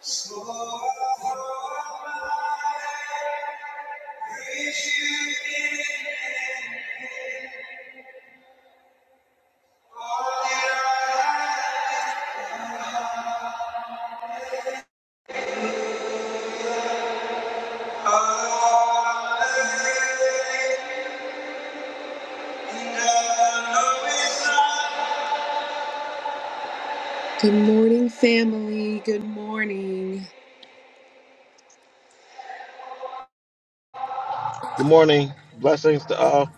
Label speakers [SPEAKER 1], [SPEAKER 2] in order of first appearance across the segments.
[SPEAKER 1] So Good morning, family. Good morning.
[SPEAKER 2] Good morning. Blessings to all.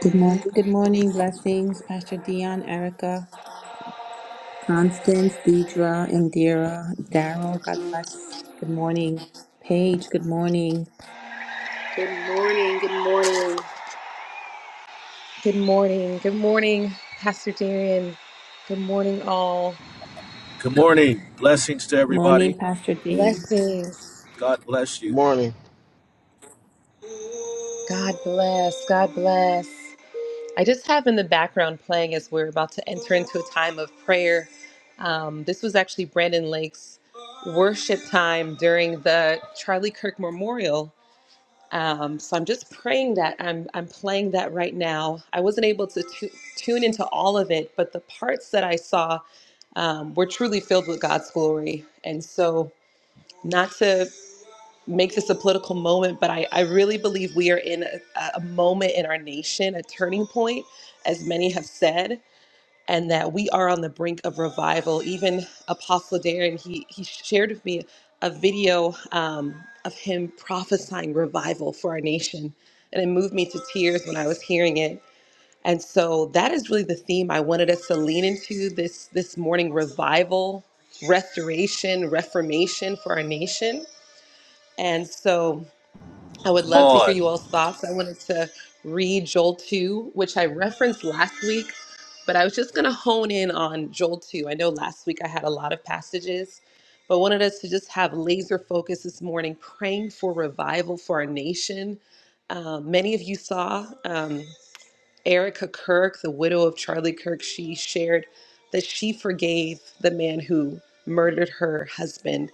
[SPEAKER 3] Good morning. Good morning. Blessings, Pastor Dion, Erica, Constance, Deidra, Indira, Daryl. God bless. Good morning. Paige, good morning.
[SPEAKER 1] Good morning. Good morning. Good morning. Good morning, Pastor Darian. Good morning, all.
[SPEAKER 4] Good morning. Blessings to everybody.
[SPEAKER 3] Morning, Pastor D.
[SPEAKER 1] Blessings.
[SPEAKER 4] God bless
[SPEAKER 2] Good
[SPEAKER 4] you.
[SPEAKER 2] morning.
[SPEAKER 1] God bless. God bless. I just have in the background playing as we're about to enter into a time of prayer. Um, this was actually Brandon Lake's worship time during the Charlie Kirk Memorial. Um, so I'm just praying that I'm I'm playing that right now. I wasn't able to tu- tune into all of it, but the parts that I saw um, were truly filled with God's glory. And so, not to make this a political moment, but I, I really believe we are in a, a moment in our nation, a turning point, as many have said, and that we are on the brink of revival. Even Apostle Darren, he, he shared with me a video um, of him prophesying revival for our nation, and it moved me to tears when I was hearing it. And so that is really the theme I wanted us to lean into this this morning: revival, restoration, reformation for our nation. And so I would
[SPEAKER 4] Come
[SPEAKER 1] love to hear you
[SPEAKER 4] on.
[SPEAKER 1] all's thoughts. I wanted to read Joel 2, which I referenced last week, but I was just going to hone in on Joel 2. I know last week I had a lot of passages, but wanted us to just have laser focus this morning, praying for revival for our nation. Um, many of you saw. um, Erica Kirk, the widow of Charlie Kirk, she shared that she forgave the man who murdered her husband.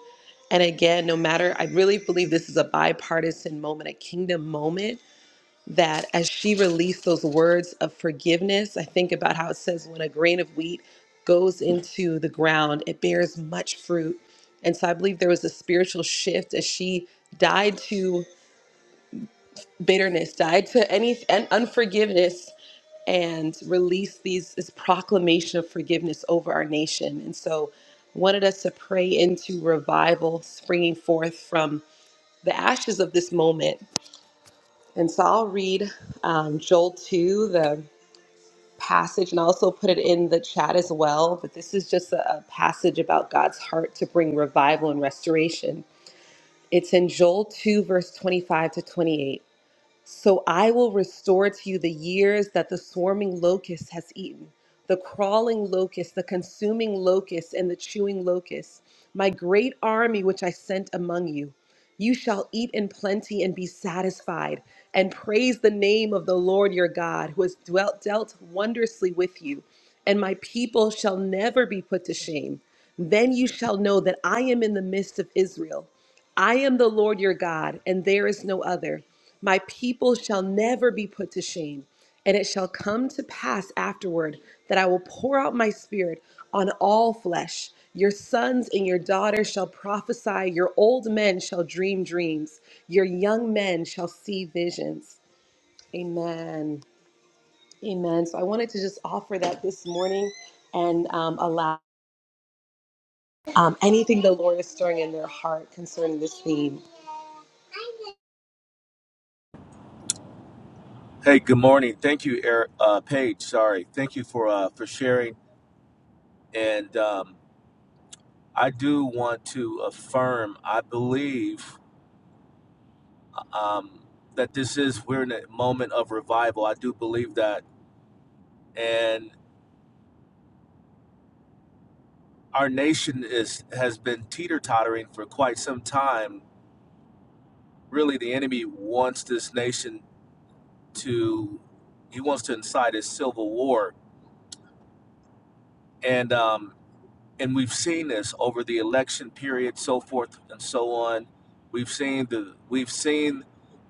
[SPEAKER 1] And again, no matter, I really believe this is a bipartisan moment, a kingdom moment, that as she released those words of forgiveness, I think about how it says when a grain of wheat goes into the ground, it bears much fruit. And so I believe there was a spiritual shift as she died to bitterness, died to any and unforgiveness, and release these this proclamation of forgiveness over our nation. And so wanted us to pray into revival springing forth from the ashes of this moment. And so I'll read um, Joel 2, the passage, and I also put it in the chat as well. But this is just a, a passage about God's heart to bring revival and restoration. It's in Joel 2, verse 25 to 28. So I will restore to you the years that the swarming locust has eaten, the crawling locust, the consuming locust, and the chewing locust, my great army which I sent among you. You shall eat in plenty and be satisfied, and praise the name of the Lord your God, who has dwelt, dealt wondrously with you. And my people shall never be put to shame. Then you shall know that I am in the midst of Israel. I am the Lord your God, and there is no other. My people shall never be put to shame. And it shall come to pass afterward that I will pour out my spirit on all flesh. Your sons and your daughters shall prophesy, your old men shall dream dreams, your young men shall see visions. Amen. Amen. So I wanted to just offer that this morning and um, allow um, anything the Lord is stirring in their heart concerning this theme.
[SPEAKER 4] Hey, good morning. Thank you, Eric, uh, Paige. Sorry. Thank you for uh, for sharing. And um, I do want to affirm. I believe um, that this is we're in a moment of revival. I do believe that, and our nation is has been teeter tottering for quite some time. Really, the enemy wants this nation to. He wants to incite a civil war, and um, and we've seen this over the election period, so forth and so on. We've seen the we've seen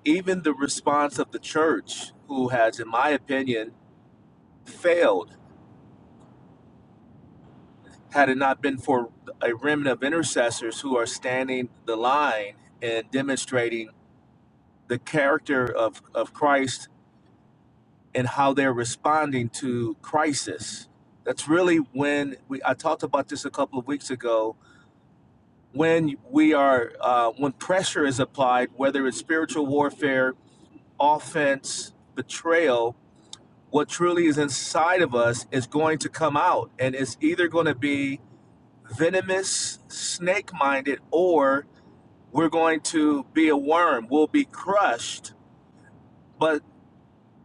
[SPEAKER 4] even the response of the church, who has, in my opinion, failed. Had it not been for a remnant of intercessors who are standing the line and demonstrating the character of, of Christ and how they're responding to crisis. That's really when we, I talked about this a couple of weeks ago when we are uh, when pressure is applied whether it's spiritual warfare offense betrayal what truly is inside of us is going to come out and it's either going to be venomous snake minded or we're going to be a worm we'll be crushed but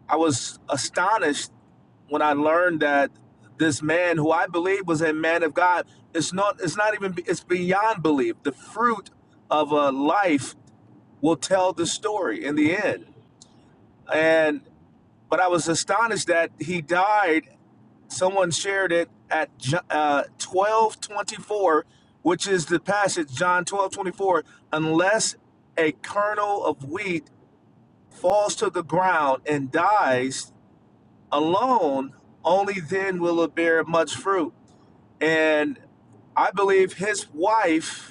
[SPEAKER 4] i was astonished when i learned that this man who i believe was a man of god it's not it's not even it's beyond belief the fruit of a life will tell the story in the end. And but I was astonished that he died. Someone shared it at uh, twelve twenty four, which is the passage John twelve twenty four. Unless a kernel of wheat falls to the ground and dies alone, only then will it bear much fruit. And I believe his wife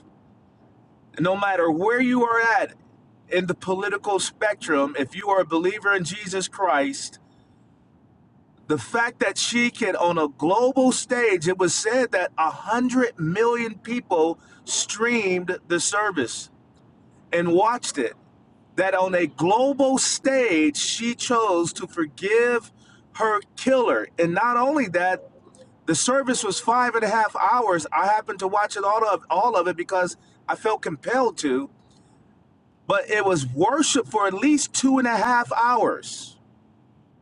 [SPEAKER 4] no matter where you are at in the political spectrum, if you are a believer in Jesus Christ, the fact that she can, on a global stage, it was said that 100 million people streamed the service and watched it. That on a global stage, she chose to forgive her killer. And not only that, the service was five and a half hours. I happened to watch it all of all of it because I felt compelled to. but it was worship for at least two and a half hours.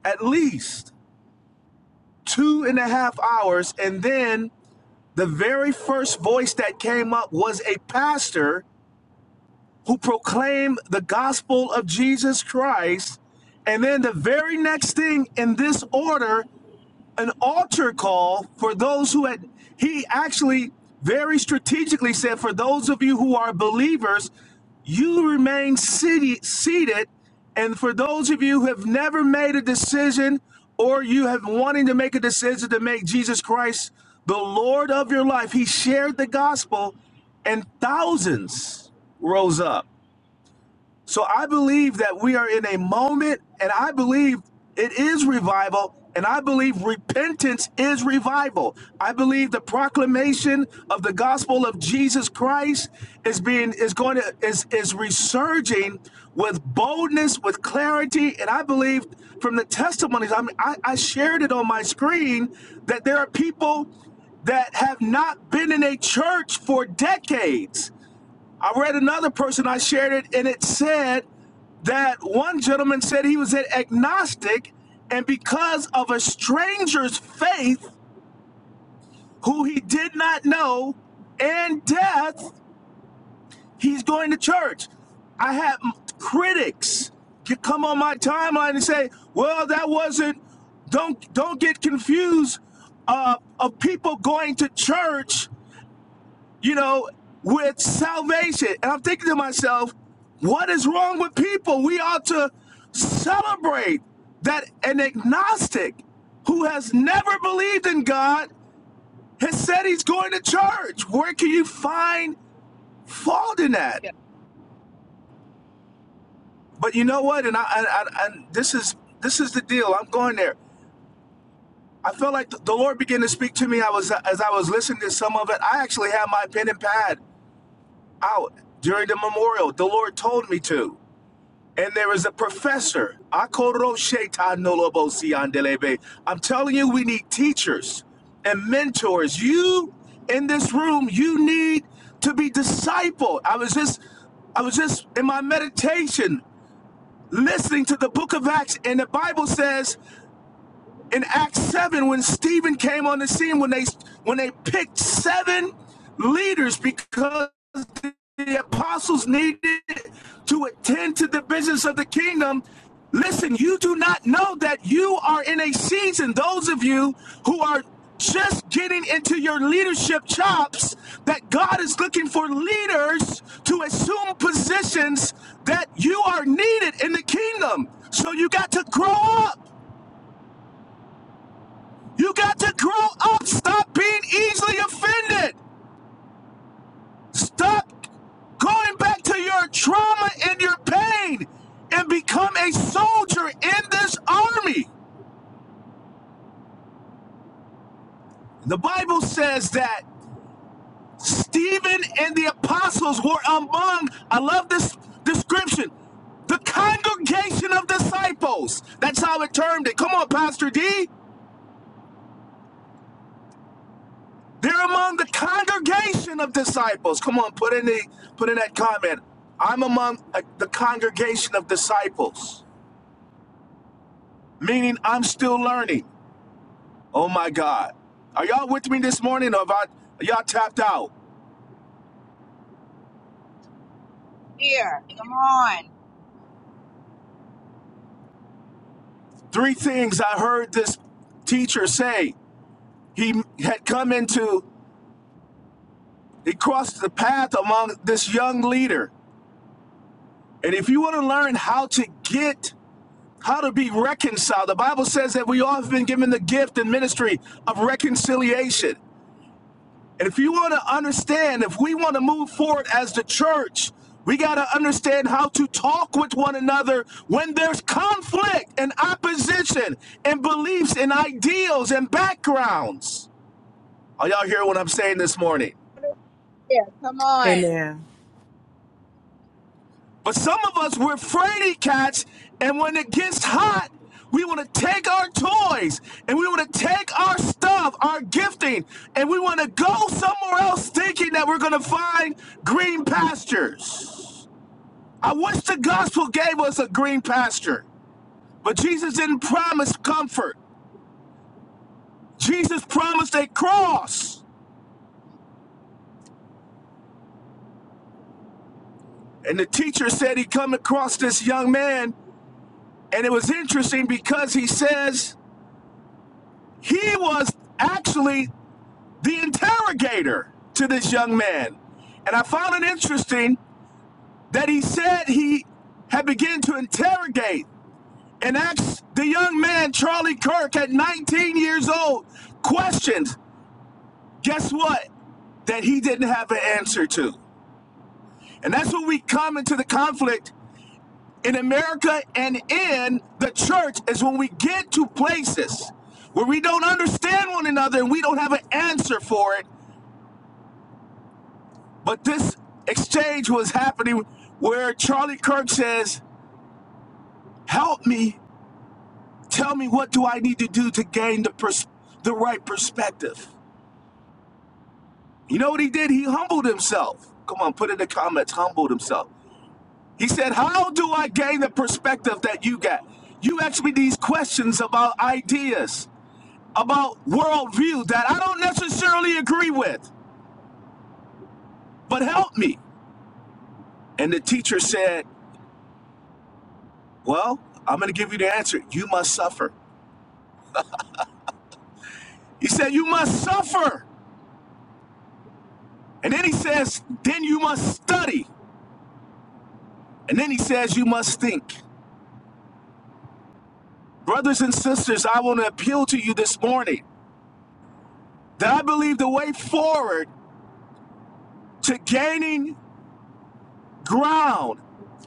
[SPEAKER 4] At least two and a half hours. And then the very first voice that came up was a pastor who proclaimed the gospel of Jesus Christ. And then the very next thing in this order an altar call for those who had he actually very strategically said for those of you who are believers you remain city, seated and for those of you who have never made a decision or you have wanting to make a decision to make jesus christ the lord of your life he shared the gospel and thousands rose up so I believe that we are in a moment, and I believe it is revival, and I believe repentance is revival. I believe the proclamation of the gospel of Jesus Christ is being is going to is is resurging with boldness, with clarity, and I believe from the testimonies. I mean, I, I shared it on my screen that there are people that have not been in a church for decades. I read another person, I shared it, and it said that one gentleman said he was an agnostic, and because of a stranger's faith, who he did not know, and death, he's going to church. I had m- critics c- come on my timeline and say, "Well, that wasn't. Don't don't get confused uh, of people going to church you know, with salvation. And I'm thinking to myself, what is wrong with people? We ought to celebrate that an agnostic who has never believed in God has said he's going to church. Where can you find fault in that?
[SPEAKER 5] Hallelujah.
[SPEAKER 4] But you know what? And I, I, I and this is this is the deal. I'm going there. I felt like the Lord began to speak to me. I was as I was listening to some of it. I actually had my pen and pad out during the memorial. The Lord told me to. And there is a professor. I'm telling you, we need teachers and mentors. You in this room, you need to be discipled. I was just, I was just in my meditation listening to the book of Acts, and the Bible says in Acts 7 when Stephen came on the scene when they when they picked seven leaders because the apostles needed to attend to the business of the kingdom. Listen, you do not know that you are in a season, those of you who are just getting into your leadership chops, that God is looking for leaders to assume positions that you are needed in the kingdom. So you got to grow up. You got to grow up. Stop being easily offended. Stop going back to your trauma and your pain and become a soldier in this army. The Bible says that Stephen and the apostles were among, I love this description, the congregation of disciples. That's how it termed it. Come on, Pastor D. They're among the congregation of disciples. Come on, put in the put in that comment. I'm among uh, the congregation of disciples, meaning I'm still learning. Oh my God, are y'all with me this morning? Or have y'all tapped out?
[SPEAKER 5] Here, come on.
[SPEAKER 4] Three things I heard this teacher say. He had come into, he crossed the path among this young leader, and if you want to learn how to get how to be reconciled. The Bible says that we all have been given the gift and ministry of reconciliation. And if you want to understand, if we want to move forward as the church, we got to understand how to talk with one another when there's conflict and opposition and beliefs and ideals and backgrounds. Are y'all hearing what I'm saying this morning?
[SPEAKER 5] Here, come on.
[SPEAKER 6] Amen.
[SPEAKER 4] But some of us, we're fraidy cats, and when it gets hot, we want to take our toys and we want to take our stuff, our gifting, and we want to go somewhere else thinking that we're going to find green pastures. I wish the gospel gave us a green pasture, but Jesus didn't promise comfort. Jesus promised a cross. And the teacher said he come across this young man, and it was interesting because he says he was actually the interrogator to this young man. And I found it interesting that he said he had begun to interrogate and asked the young man, Charlie Kirk, at 19 years old, questions. Guess what? That he didn't have an answer to. And that's when we come into the conflict in America and in the church, is when we get to places where we don't understand one another and we don't have an answer for it. But this exchange was happening where Charlie Kirk says, "Help me. Tell me what do I need to do to gain the pers- the right perspective." You know what he did? He humbled himself. Come on, put in the comments, humbled himself. He said, "How do I gain the perspective that you got? You ask me these questions about ideas, about worldview that I don't necessarily agree with, but help me." And the teacher said, "Well, I'm going to give you the answer. You must suffer." He said, You must suffer. And then he says, Then you must study. And then he says, You must think. Brothers and sisters, I want to appeal to you this morning that I believe the way forward to gaining ground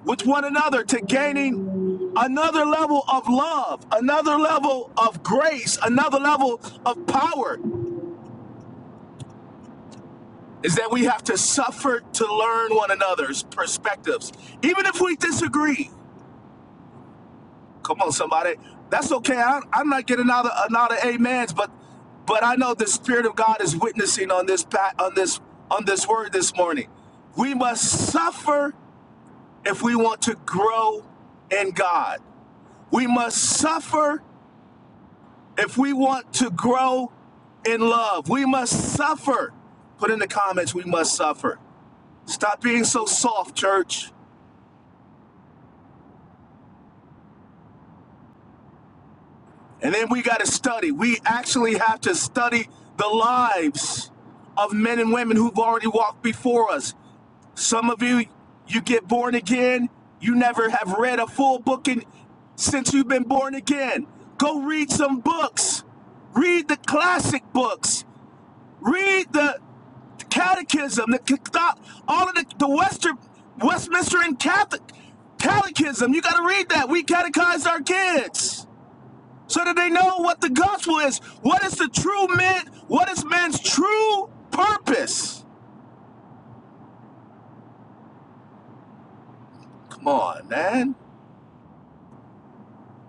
[SPEAKER 4] with one another, to gaining another level of love, another level of grace, another level of power, is that we have to suffer to learn one another's perspectives, even if we disagree Come on, somebody. That's okay. I, I'm not getting another another amens, but but I know the Spirit of God is witnessing on this pa- on this on this word this morning. We must suffer if we want to grow in God. We must suffer if we want to grow in love. We must suffer. Put in the comments, we must suffer. Stop being so soft, church. And then we got to study. We actually have to study the lives of men and women who've already walked before us. Some of you, you get born again, you never have read a full book in, since you've been born again. Go read some books. Read the classic books. Read the catechism, the all of the, the Western Westminster and Catholic catechism. You got to read that. We catechized our kids so that they know what the gospel is. What is the true man? What is man's true purpose? Come on, man.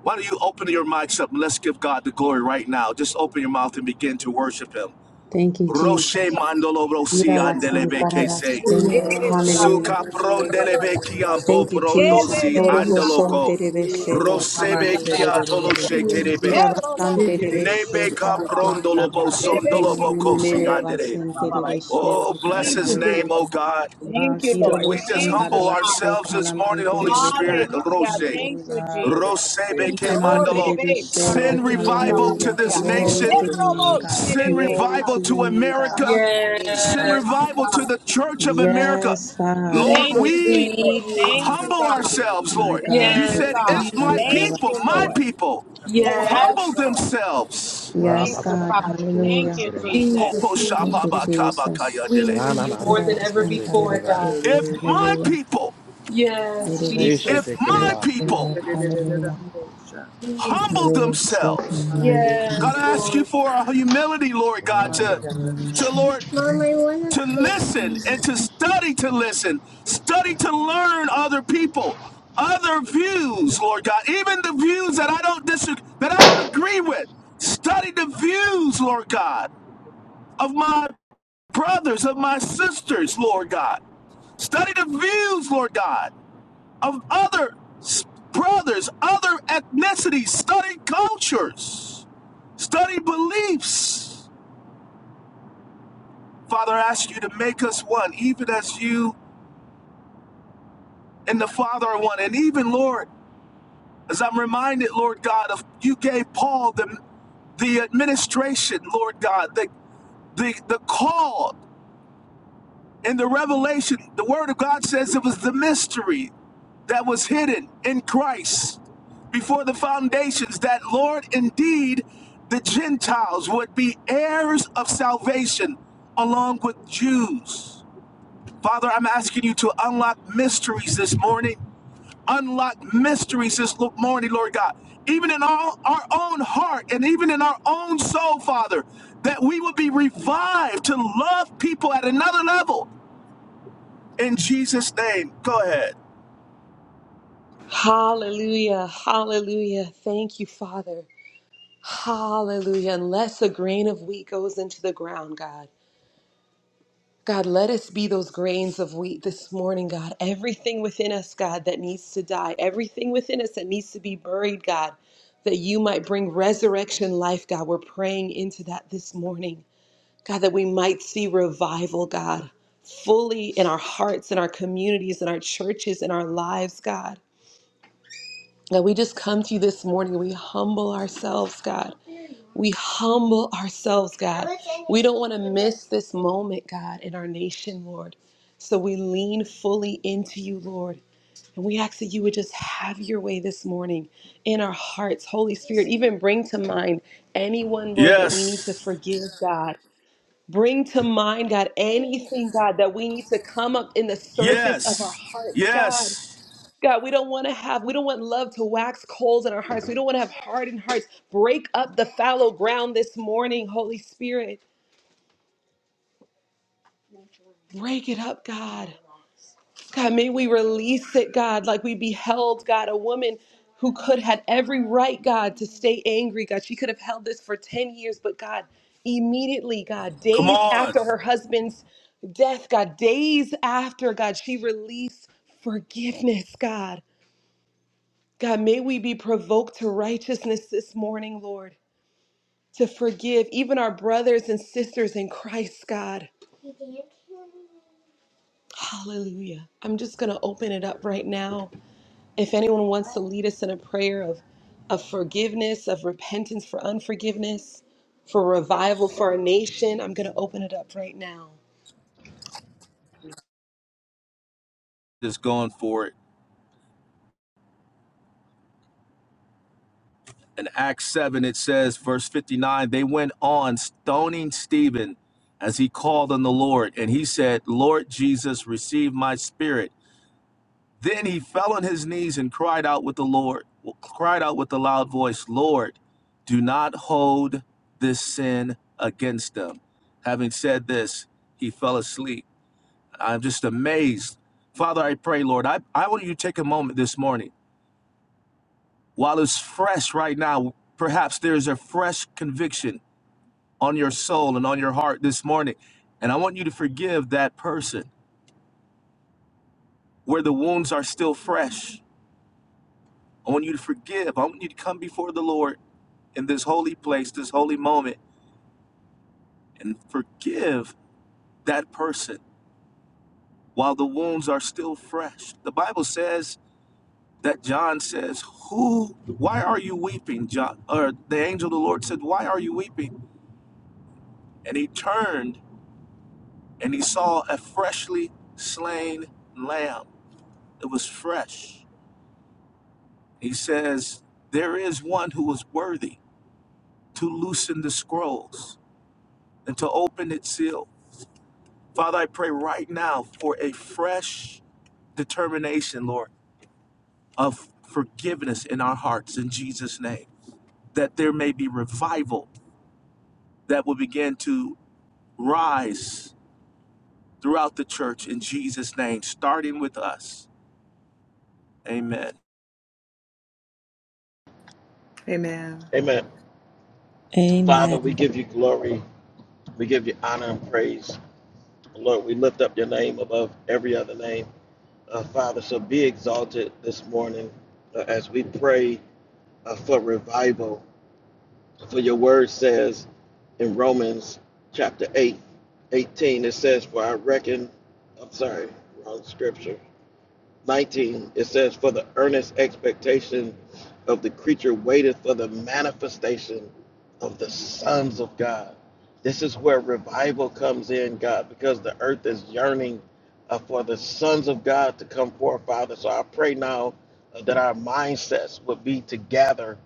[SPEAKER 4] Why don't you open your mics up and let's give God the glory right now? Just open your mouth and begin to worship Him.
[SPEAKER 3] Thank you, Jesus.
[SPEAKER 4] Roche
[SPEAKER 5] Thank you,
[SPEAKER 4] mandolo rosi
[SPEAKER 5] Jesus.
[SPEAKER 3] Irarasan,
[SPEAKER 4] andelebe kese.
[SPEAKER 3] tararashe, Lord. Hallelujah.
[SPEAKER 4] Suka prondelebe kiambo
[SPEAKER 3] Thank you, Jesus.
[SPEAKER 4] prondosi
[SPEAKER 3] Horoboson
[SPEAKER 4] andeloko.
[SPEAKER 3] terebeshe, Lord.
[SPEAKER 6] Abba,
[SPEAKER 4] Rosebe
[SPEAKER 3] Hallelujah.
[SPEAKER 6] shere,
[SPEAKER 4] kia
[SPEAKER 6] do, do, do, do, do, do,
[SPEAKER 4] sheterebe.
[SPEAKER 3] Irarasan
[SPEAKER 6] Si, di, di, di,
[SPEAKER 3] terebeshe,
[SPEAKER 4] Nebe ka
[SPEAKER 3] Father.
[SPEAKER 1] Just
[SPEAKER 3] Hallelujah.
[SPEAKER 4] prondolobo
[SPEAKER 6] Ramba, da,
[SPEAKER 4] sondolobo
[SPEAKER 1] lean in
[SPEAKER 4] kosi
[SPEAKER 1] it.
[SPEAKER 4] andere.
[SPEAKER 3] Irarasan
[SPEAKER 6] da, da, da.
[SPEAKER 3] terebeshe,
[SPEAKER 6] Do,
[SPEAKER 4] Oh,
[SPEAKER 3] Lord
[SPEAKER 6] da,
[SPEAKER 3] God.
[SPEAKER 6] da,
[SPEAKER 4] bless his name, oh
[SPEAKER 3] Hallelujah.
[SPEAKER 4] God.
[SPEAKER 5] Thank
[SPEAKER 6] Ah,
[SPEAKER 5] you,
[SPEAKER 6] so, do,
[SPEAKER 5] Lord.
[SPEAKER 3] Irobo
[SPEAKER 6] do,
[SPEAKER 4] We
[SPEAKER 6] do,
[SPEAKER 4] just
[SPEAKER 5] Thank you,
[SPEAKER 6] do,
[SPEAKER 4] humble
[SPEAKER 5] God.
[SPEAKER 3] Santaravate
[SPEAKER 4] ourselves this morning,
[SPEAKER 3] Kalamante
[SPEAKER 4] Holy
[SPEAKER 3] Revesi.
[SPEAKER 4] Spirit.
[SPEAKER 5] Hallelujah.
[SPEAKER 4] Rose.
[SPEAKER 5] Thank you,
[SPEAKER 3] Hallelujah.
[SPEAKER 6] Ah, da, da, da, da, da, da,
[SPEAKER 5] Jesus.
[SPEAKER 4] Rose
[SPEAKER 5] Thank you.
[SPEAKER 4] beke
[SPEAKER 5] Oh,
[SPEAKER 3] Inamante
[SPEAKER 4] mandalo.
[SPEAKER 5] rebe,
[SPEAKER 6] Si,
[SPEAKER 3] Reveshe, Lord.
[SPEAKER 4] Send
[SPEAKER 5] sarobu,
[SPEAKER 1] Lean
[SPEAKER 4] revival
[SPEAKER 1] in,
[SPEAKER 4] to
[SPEAKER 3] Hallelujah.
[SPEAKER 5] sarabasaya.
[SPEAKER 4] this
[SPEAKER 6] si,
[SPEAKER 3] Glory
[SPEAKER 1] Lord.
[SPEAKER 4] nation.
[SPEAKER 6] do, do,
[SPEAKER 3] to
[SPEAKER 6] do,
[SPEAKER 3] your
[SPEAKER 5] Nerobo,
[SPEAKER 3] name,
[SPEAKER 6] do, do,
[SPEAKER 3] God.
[SPEAKER 6] do, do.
[SPEAKER 4] Send
[SPEAKER 5] serebe,
[SPEAKER 3] Glory to
[SPEAKER 4] revival
[SPEAKER 3] your
[SPEAKER 4] to
[SPEAKER 5] sarobu,
[SPEAKER 3] name, God.
[SPEAKER 4] America.
[SPEAKER 5] sarabasaya.
[SPEAKER 4] Send
[SPEAKER 6] Ah,
[SPEAKER 1] Yes.
[SPEAKER 5] My
[SPEAKER 4] revival to
[SPEAKER 5] God.
[SPEAKER 4] the church of America.
[SPEAKER 3] Yes, God.
[SPEAKER 4] Lord,
[SPEAKER 5] Thank you,
[SPEAKER 1] Jesus, we
[SPEAKER 4] we
[SPEAKER 5] Jesus.
[SPEAKER 1] need you.
[SPEAKER 5] Thank
[SPEAKER 6] ah,
[SPEAKER 5] you,
[SPEAKER 6] do,
[SPEAKER 4] humble
[SPEAKER 6] do, do,
[SPEAKER 5] God.
[SPEAKER 6] do, do,
[SPEAKER 4] ourselves,
[SPEAKER 3] My
[SPEAKER 4] Lord.
[SPEAKER 3] God.
[SPEAKER 5] Thank
[SPEAKER 4] You
[SPEAKER 5] you,
[SPEAKER 1] Yes,
[SPEAKER 4] said,
[SPEAKER 5] God.
[SPEAKER 3] Reveshe
[SPEAKER 4] if my
[SPEAKER 1] Jesus.
[SPEAKER 5] Thank
[SPEAKER 4] people,
[SPEAKER 5] you,
[SPEAKER 4] my
[SPEAKER 3] Santaravate.
[SPEAKER 5] Lord.
[SPEAKER 4] people, will
[SPEAKER 6] Kapos.
[SPEAKER 5] Yes,
[SPEAKER 1] Yes,
[SPEAKER 4] humble
[SPEAKER 5] Lord.
[SPEAKER 4] themselves.
[SPEAKER 2] Ra
[SPEAKER 5] Thank
[SPEAKER 3] Yes,
[SPEAKER 2] ba
[SPEAKER 5] you,
[SPEAKER 2] ba ba
[SPEAKER 3] God.
[SPEAKER 2] ba,
[SPEAKER 5] Father.
[SPEAKER 2] su te
[SPEAKER 5] Thank
[SPEAKER 3] Hallelujah.
[SPEAKER 5] you,
[SPEAKER 2] kere ba.
[SPEAKER 5] Jesus.
[SPEAKER 1] Jesus,
[SPEAKER 4] Kopo
[SPEAKER 1] we
[SPEAKER 3] Thank
[SPEAKER 1] need
[SPEAKER 3] you,
[SPEAKER 1] you.
[SPEAKER 4] shapaba kaba
[SPEAKER 3] Jesus.
[SPEAKER 1] We
[SPEAKER 2] Ra
[SPEAKER 1] need
[SPEAKER 2] na
[SPEAKER 1] you
[SPEAKER 2] na na
[SPEAKER 1] more
[SPEAKER 3] Irobo
[SPEAKER 2] na,
[SPEAKER 1] than ever
[SPEAKER 2] te
[SPEAKER 3] son
[SPEAKER 2] te
[SPEAKER 3] Santaravate,
[SPEAKER 2] kere
[SPEAKER 1] before,
[SPEAKER 6] Ah,
[SPEAKER 2] ba.
[SPEAKER 1] God.
[SPEAKER 6] do, do,
[SPEAKER 3] Lord.
[SPEAKER 4] If
[SPEAKER 6] do, do.
[SPEAKER 4] my
[SPEAKER 3] Hallelujah.
[SPEAKER 4] people,
[SPEAKER 6] Abba, da,
[SPEAKER 1] Yes,
[SPEAKER 3] Irobo
[SPEAKER 2] Re she
[SPEAKER 4] if
[SPEAKER 2] te
[SPEAKER 1] Jesus.
[SPEAKER 2] kere
[SPEAKER 4] my
[SPEAKER 2] ba.
[SPEAKER 6] Si,
[SPEAKER 3] Santaravate,
[SPEAKER 4] people
[SPEAKER 6] si,
[SPEAKER 3] Lord.
[SPEAKER 6] di, di, di, di,
[SPEAKER 3] Hallelujah.
[SPEAKER 6] dam, sha.
[SPEAKER 1] Jesus.
[SPEAKER 4] humble
[SPEAKER 3] Irobo
[SPEAKER 4] themselves.
[SPEAKER 6] Ah, da,
[SPEAKER 3] Santaravate,
[SPEAKER 6] da.
[SPEAKER 4] God,
[SPEAKER 1] Yes,
[SPEAKER 4] I
[SPEAKER 3] Lord.
[SPEAKER 4] ask you
[SPEAKER 1] Lord.
[SPEAKER 4] for our humility, Lord
[SPEAKER 2] Ra
[SPEAKER 4] God,
[SPEAKER 2] na
[SPEAKER 6] Ah, da,
[SPEAKER 2] na
[SPEAKER 4] to,
[SPEAKER 2] na.
[SPEAKER 4] to Lord,
[SPEAKER 3] Hallelujah.
[SPEAKER 1] Mom,
[SPEAKER 6] Thank
[SPEAKER 1] I
[SPEAKER 6] you.
[SPEAKER 1] want
[SPEAKER 4] to
[SPEAKER 1] to talk to
[SPEAKER 4] listen
[SPEAKER 1] you.
[SPEAKER 4] and to study to listen, study to learn other people, other views, Lord God, even the views that I don't disagree, that I don't agree with. Study the views, Lord God, of my brothers, of my sisters, Lord God. Study the views, Lord God, of other brothers, other ethnicities. Study cultures. Study beliefs. Father, I ask you to make us one, even as you and the Father are one. And even, Lord, as I'm reminded, Lord God, of you gave Paul the, the administration, Lord God, the, the, the call and the revelation. The Word of God says it was the mystery that was hidden in Christ before the foundations, that, Lord, indeed, the Gentiles would be heirs of salvation along with Jews. Father, I'm asking you to unlock mysteries this morning. Unlock mysteries this lo- morning, Lord God. Even in all our own heart and even in our own soul, Father, that we will be revived to love people at another level. In Jesus' name, go ahead.
[SPEAKER 1] Hallelujah. Hallelujah. Thank you, Father. Hallelujah. Unless a grain of wheat goes into the ground, God. God, let us be those grains of wheat this morning, God. Everything within us, God, that needs to die, everything within us that needs to be buried, God, that you might bring resurrection life, God. We're praying into that this morning, God, that we might see revival, God, fully in our hearts, in our communities, in our churches, in our lives, God. God, we just come to you this morning. We humble ourselves, God. We humble ourselves, God. We don't want to miss this moment, God, in our nation, Lord. So we lean fully into you, Lord. And we ask that you would just have your way this morning in our hearts. Holy Spirit, even bring to mind anyone, Lord, that we need to
[SPEAKER 4] Yes.
[SPEAKER 1] forgive, God. Bring to mind, God, anything, God, that we need to come up in the surface of our
[SPEAKER 4] Yes.
[SPEAKER 1] hearts, God.
[SPEAKER 4] Yes.
[SPEAKER 1] God, we don't want to have, we don't want love to wax cold in our hearts. We don't want to have hardened hearts. Break up the fallow ground this morning, Holy Spirit. Break it up, God. God, may we release it, God, like we beheld, God, a woman who could had every right, God, to stay angry, God. She could have held this for 10 years, but God, immediately, God,
[SPEAKER 4] Come
[SPEAKER 1] days
[SPEAKER 4] on.
[SPEAKER 1] after her husband's death, God, days after, God, she released forgiveness, God. God, may we be provoked to righteousness this morning, Lord, to forgive even our brothers and sisters in Christ, God. Hallelujah. I'm just going to open it up right now. If anyone wants to lead us in a prayer of, of forgiveness, of repentance for unforgiveness, for revival for our nation, I'm going to open it up right now.
[SPEAKER 4] Just going for it. in Acts 7, it says, verse 59, they went on stoning Stephen as he called on the Lord. And he said, Lord Jesus, receive my spirit. Then he fell on his knees and cried out with the Lord, cried out with a loud voice, Lord, do not hold this sin against them. Having said this, he fell asleep. I'm just amazed. Father, I pray, Lord, I, I want you to take a moment this morning while it's fresh right now, perhaps there's a fresh conviction on your soul and on your heart this morning. And I want you to forgive that person where the wounds are still fresh. I want you to forgive. I want you to come before the Lord in this holy place, this holy moment, and forgive that person while the wounds are still fresh. The Bible says that John says, Who, why are you weeping? John, or the angel of the Lord said, Why are you weeping? And he turned and he saw a freshly slain lamb. It was fresh He says, There is one who is worthy to loosen the scrolls and to open its seal. Father, I pray right now for a fresh determination, Lord, of forgiveness in our hearts in Jesus' name, that there may be revival that will begin to rise throughout the church in Jesus' name, starting with us. Amen.
[SPEAKER 6] Amen.
[SPEAKER 2] Amen. Father,
[SPEAKER 3] Amen.
[SPEAKER 2] we give you glory. We give you honor and praise. Lord, we lift up your name above every other name. Uh, Father, so be exalted this morning uh, as we pray uh, for revival. For your word says in Romans chapter 8, 18 it says, For I reckon, I'm sorry, wrong scripture. 19, it says, For the earnest expectation of the creature waiteth for the manifestation of the sons of God. This is where revival comes in, God, because the earth is yearning uh, for the sons of God to come forth, Father. So I pray now uh, that our mindsets would be to gather,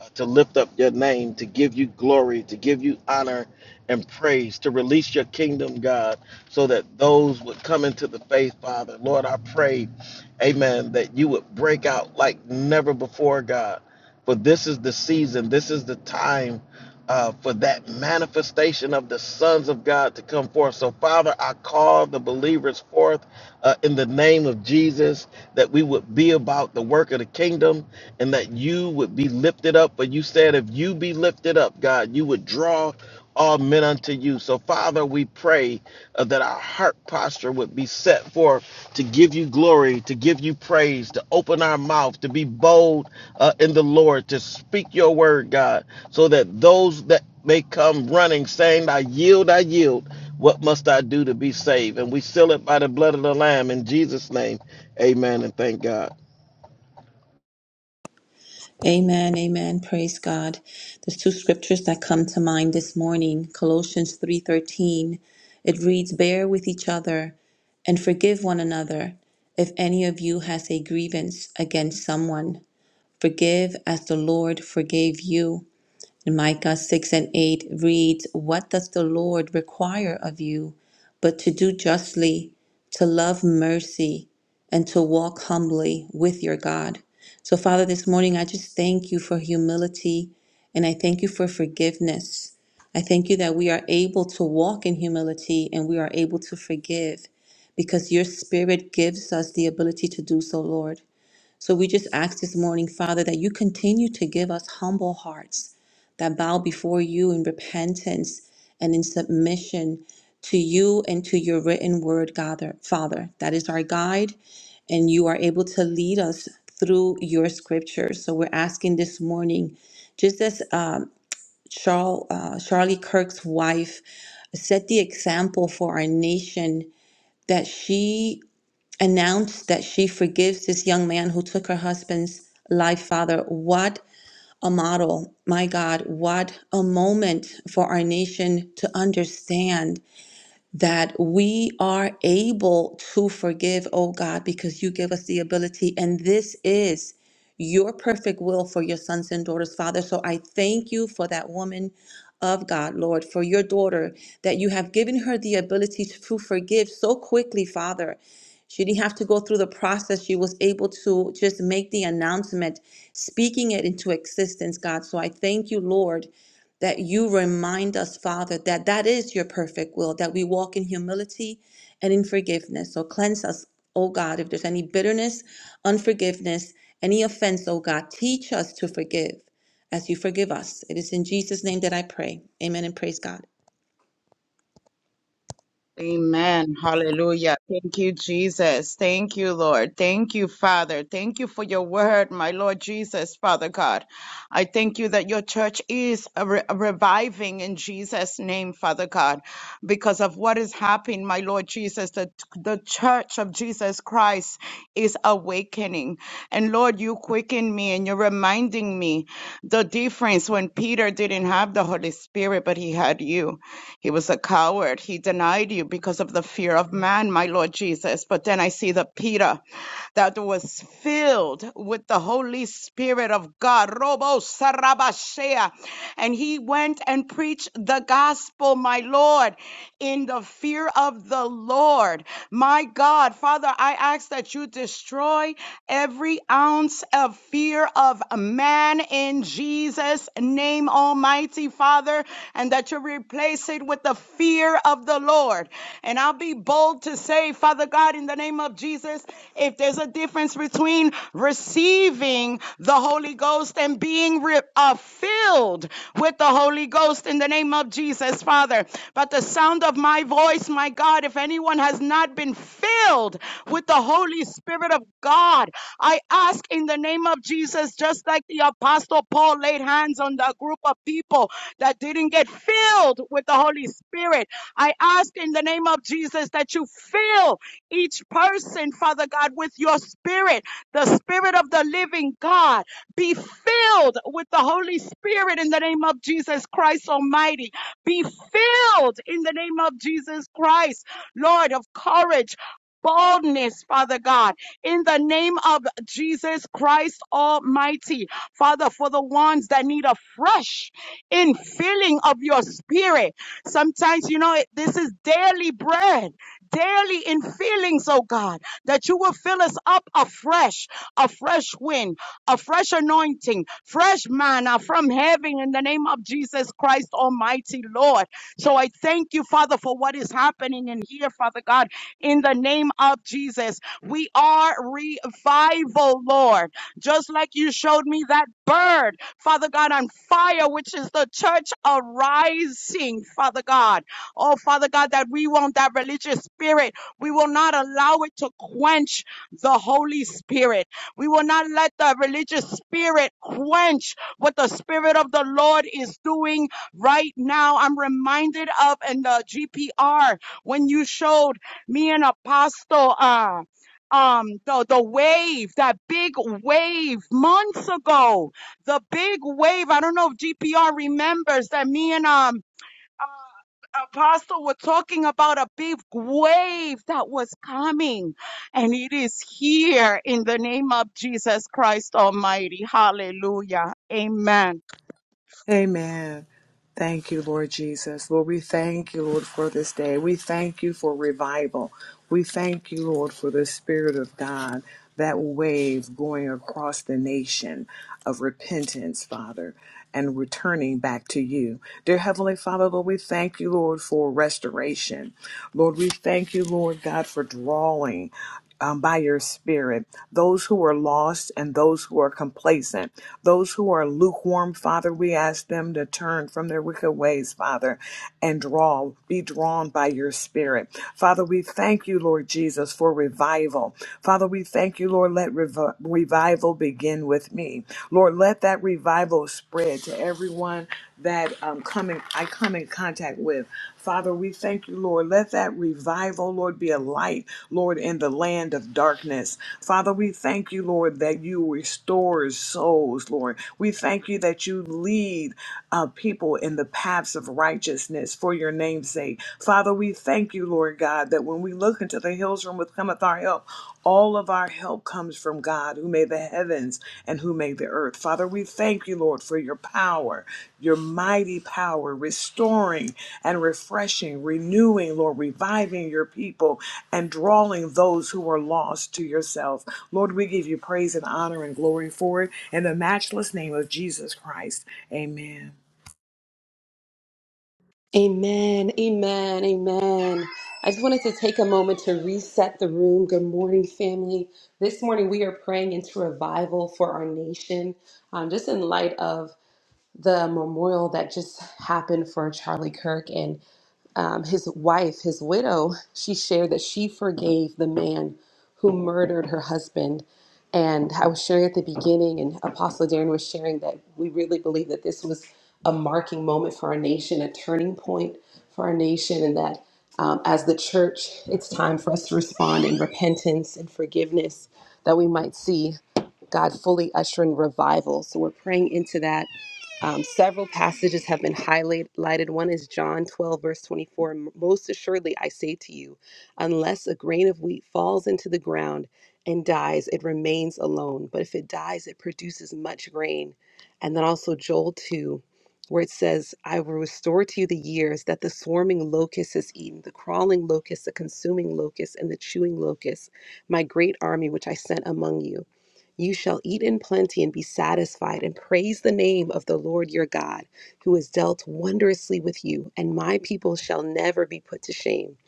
[SPEAKER 2] uh, to lift up your name, to give you glory, to give you honor and praise, to release your kingdom, God, so that those would come into the faith, Father. Lord, I pray amen, that you would break out like never before, God. For this is the season, this is the time uh, for that manifestation of the sons of God to come forth. So, Father, I call the believers forth uh, in the name of Jesus, that we would be about the work of the kingdom and that you would be lifted up. But you said, if you be lifted up, God, you would draw all men unto you. So, Father, we pray uh, that our heart posture would be set forth to give you glory, to give you praise, to open our mouth, to be bold uh, in the Lord, to speak your word, God, so that those that may come running saying, I yield, I yield. What must I do to be saved? And we seal it by the blood of the Lamb in Jesus' name. Amen and thank God.
[SPEAKER 3] Amen. Amen. Praise God. There's two scriptures that come to mind this morning. Colossians 3:13. It reads, "Bear with each other and forgive one another. If any of you has a grievance against someone, forgive as the Lord forgave you." In Micah 6 and 8 reads, What does the Lord require of you but to do justly, to love mercy, and to walk humbly with your God? So, Father, this morning I just thank you for humility and I thank you for forgiveness. I thank you that we are able to walk in humility and we are able to forgive because your spirit gives us the ability to do so, Lord. So we just ask this morning, Father, that you continue to give us humble hearts that bow before you in repentance and in submission to you and to your written word, Gather- Father. That is our guide, and you are able to lead us through your scriptures. So we're asking this morning, just as um, Charl, uh, Charlie Kirk's wife set the example for our nation, that she announced that she forgives this young man who took her husband's life, Father. What a model, my God, what a moment for our nation to understand that we are able to forgive, oh God, because you give us the ability. And this is your perfect will for your sons and daughters, Father. So I thank you for that woman of God, Lord, for your daughter, that you have given her the ability to forgive so quickly, Father. She didn't have to go through the process. She was able to just make the announcement, speaking it into existence, God. So I thank you, Lord, that you remind us, Father, that that is your perfect will, that we walk in humility and in forgiveness. So cleanse us, oh God, if there's any bitterness, unforgiveness, any offense, oh God, teach us to forgive as you forgive us. It is in Jesus' name that I pray. Amen and praise God.
[SPEAKER 5] Amen. Hallelujah. Thank you, Jesus. Thank you, Lord. Thank you, Father. Thank you for your word, my Lord Jesus, Father God. I thank you that your church is a re- a reviving in Jesus' name, Father God, because of what is happening, my Lord Jesus. The, the church of Jesus Christ is awakening. And Lord, you quicken me and you're reminding me the difference when Peter didn't have the Holy Spirit, but he had you. He was a coward. He denied denied you because of the fear of man, my Lord Jesus. But then I see the Peter that was filled with the Holy Spirit of God. Robo Sarabashea. And he went and preached the gospel, my Lord, in the fear of the Lord. My God, Father, I ask that you destroy every ounce of fear of man in Jesus' name, Almighty Father, and that you replace it with the fear of of the Lord. And I'll be bold to say, Father God, in the name of Jesus, if there's a difference between receiving the Holy Ghost and being re- uh, filled with the Holy Ghost in the name of Jesus, Father. But the sound of my voice, my God, if anyone has not been filled with the Holy Spirit of God, I ask in the name of Jesus, just like the Apostle Paul laid hands on the group of people that didn't get filled with the Holy Spirit. I ask in the name of Jesus that you fill each person, Father God, with your spirit, the spirit of the living God. Be filled with the Holy Spirit in the name of Jesus Christ Almighty. Be filled in the name of Jesus Christ, Lord of courage. Boldness, Father God, in the name of Jesus Christ Almighty. Father, for the ones that need a fresh infilling of your spirit, Sometimes, you know, it- this is daily bread, daily in feelings, oh God, that you will fill us up afresh, a fresh wind, a fresh anointing, fresh manna from heaven in the name of Jesus Christ, Almighty Lord. So I thank you, Father, for what is happening in here, Father God, in the name of Jesus. We are revival, Lord. Just like you showed me that bird. Father God, on fire, which is the church arising, Father God. Oh, Father God, that we want that religious spirit. We will not allow it to quench the Holy Spirit. We will not let the religious spirit quench what the Spirit of the Lord is doing right now. I'm reminded of in the GPR when you showed me an apostle, uh, um, the, the wave, that big wave months ago the big wave. I don't know if GPR remembers that me and um Apostle were talking about a big wave that was coming, and it is here in the name of Jesus Christ Almighty. Hallelujah. Amen.
[SPEAKER 6] Amen. Thank you, Lord Jesus. Lord, we thank you, Lord, for this day. We thank you for revival. We thank you, Lord, for the Spirit of God, that wave going across the nation of repentance, Father, and returning back to you. Dear Heavenly Father, Lord, we thank you, Lord, for restoration. Lord, we thank you, Lord God, for drawing um, by your spirit, those who are lost and those who are complacent, those who are lukewarm, Father, we ask them to turn from their wicked ways, Father, and draw, be drawn by your spirit. Father, we thank you, Lord Jesus, for revival. Father, we thank you, Lord, let rev- revival begin with me. Lord, let that revival spread to everyone that um, come in, I come in contact with. Father, we thank you, Lord. Let that revival, Lord, be a light, Lord, in the land of darkness. Father, we thank you, Lord, that you restore souls, Lord. We thank you that you lead uh, people in the paths of righteousness for your name's sake. Father, we thank you, Lord God, that when we look into the hills from which cometh our help, all of our help comes from God who made the heavens and who made the earth. Father, we thank you, Lord, for your power, your mighty power, restoring and refreshing, renewing, Lord, reviving your people and drawing those who are lost to yourself. Lord, we give you praise and honor and glory for it in the matchless name of Jesus Christ. Amen.
[SPEAKER 1] Amen, amen, amen. I just wanted to take a moment to reset the room. Good morning, family. This morning we are praying into revival for our nation, um, just in light of the memorial that just happened for Charlie Kirk and um, his wife, his widow, she shared that she forgave the man who murdered her husband. And I was sharing at the beginning, and Apostle Darren was sharing that we really believe that this was a marking moment for our nation, a turning point for our nation, and that um, as the church, it's time for us to respond in repentance and forgiveness that we might see God fully ushering revival. So we're praying into that um, several passages have been highlighted. One is John 12, verse 24. Most assuredly, I say to you, unless a grain of wheat falls into the ground and dies, it remains alone. But if it dies, it produces much grain. And then also Joel 2, where it says, I will restore to you the years that the swarming locust has eaten, the crawling locust, the consuming locust, and the chewing locust, my great army which I sent among you. You shall eat in plenty and be satisfied, and praise the name of the Lord your God, who has dealt wondrously with you, and my people shall never be put to shame.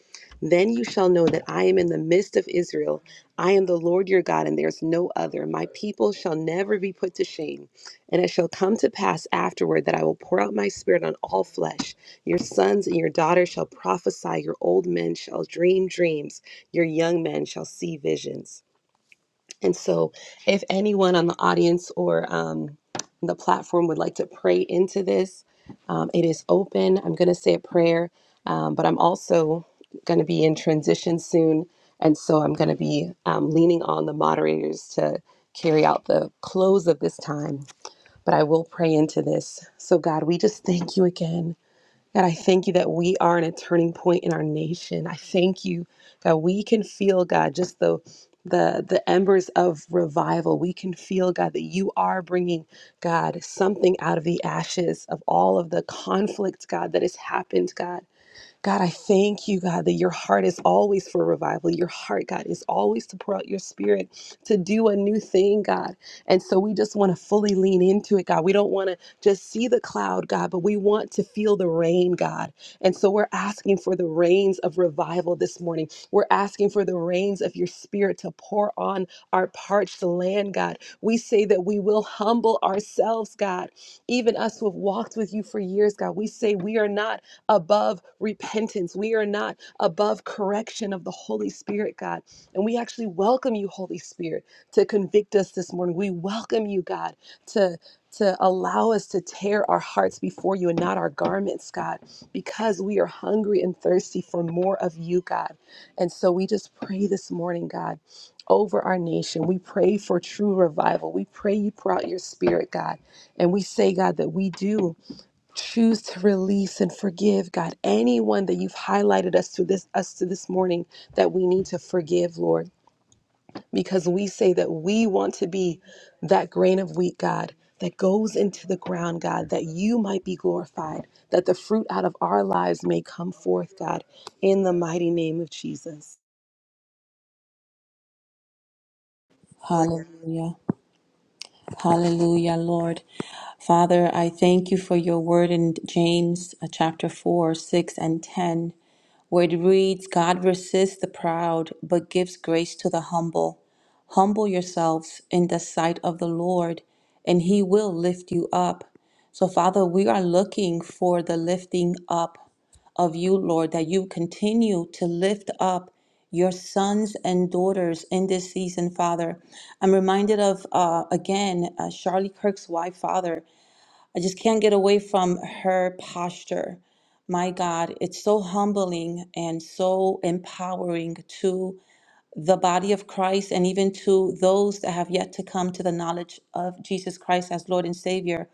[SPEAKER 1] Then you shall know that I am in the midst of Israel. I am the Lord your God, and there is no other. My people shall never be put to shame. And it shall come to pass afterward that I will pour out my spirit on all flesh. Your sons and your daughters shall prophesy, your old men shall dream dreams, your young men shall see visions. And so, if anyone on the audience or um, the platform would like to pray into this, um, it is open. I'm going to say a prayer, um, but I'm also going to be in transition soon. And so, I'm going to be um, leaning on the moderators to carry out the close of this time. But I will pray into this. So, God, we just thank you again. God, I thank you that we are in a turning point in our nation. I thank you that we can feel, God, just the the the embers of revival. We can feel, God, that you are bringing, God, something out of the ashes of all of the conflict, God, that has happened, God. God, I thank you, God, that your heart is always for revival. Your heart, God, is always to pour out your spirit to do a new thing, God. And so we just want to fully lean into it, God. We don't want to just see the cloud, God, but we want to feel the rain, God. And so we're asking for the rains of revival this morning. We're asking for the rains of your spirit to pour on our parched land, God. We say that we will humble ourselves, God. Even us who have walked with you for years, God, we say we are not above repentance. We are not above correction of the Holy Spirit, God. And we actually welcome you, Holy Spirit, to convict us this morning. We welcome you, God, to to allow us to tear our hearts before you and not our garments, God, because we are hungry and thirsty for more of you, God. And so we just pray this morning, God, over our nation. We pray for true revival. We pray you pour out your spirit, God. And we say, God, that we do choose to release and forgive god anyone that you've highlighted us to this us to this morning that we need to forgive lord because we say that we want to be that grain of wheat god that goes into the ground god that you might be glorified that the fruit out of our lives may come forth god in the mighty name of jesus
[SPEAKER 3] Hallelujah. Hallelujah, Lord. Father, I thank you for your word in James uh, chapter 4, 6, and 10, where it reads, God resists the proud, but gives grace to the humble. Humble yourselves in the sight of the Lord, and he will lift you up. So, Father, we are looking for the lifting up of you, Lord, that you continue to lift up your sons and daughters in this season, Father. I'm reminded of, uh, again, uh, Charlie Kirk's wife, Father. I just can't get away from her posture. My God, it's so humbling and so empowering to the body of Christ and even to those that have yet to come to the knowledge of Jesus Christ as Lord and Savior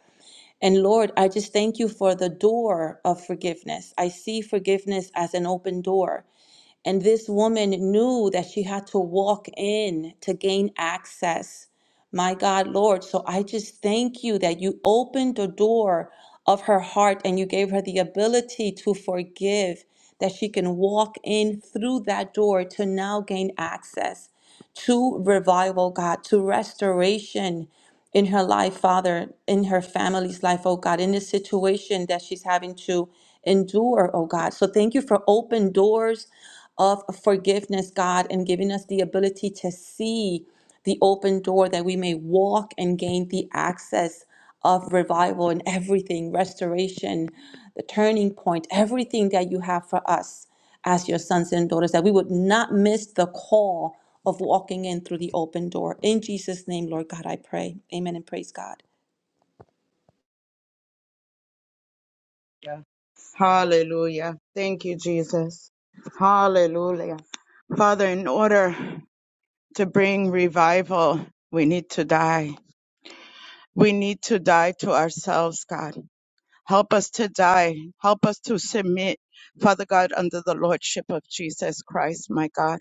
[SPEAKER 3] and Lord, I just thank you for the door of forgiveness. I see forgiveness as an open door. And this woman knew that she had to walk in to gain access. My God, Lord. So I just thank you that you opened the door of her heart and you gave her the ability to forgive, that she can walk in through that door to now gain access to revival, God, to restoration in her life, Father, in her family's life, oh God, in this situation that she's having to endure, oh God. So thank you for open doors, of forgiveness, God, and giving us the ability to see the open door that we may walk and gain the access of revival and everything, restoration, the turning point, everything that you have for us as your sons and daughters, that we would not miss the call of walking in through the open door. In Jesus' name, Lord God, I pray. Amen and praise God.
[SPEAKER 5] Hallelujah. Thank you, Jesus. Hallelujah. Father, in order to bring revival, we need to die. We need to die to ourselves, God. Help us to die. Help us to submit, Father God, under the Lordship of Jesus Christ, my God.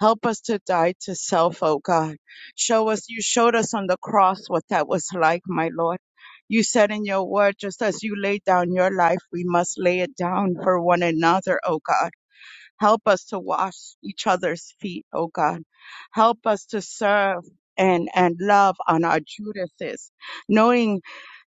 [SPEAKER 5] Help us to die to self, oh God. Show us, you showed us on the cross what that was like, my Lord. You said in your word, just as you laid down your life, we must lay it down for one another, oh God. Help us to wash each other's feet, oh God. Help us to serve and, and love on our Judases, knowing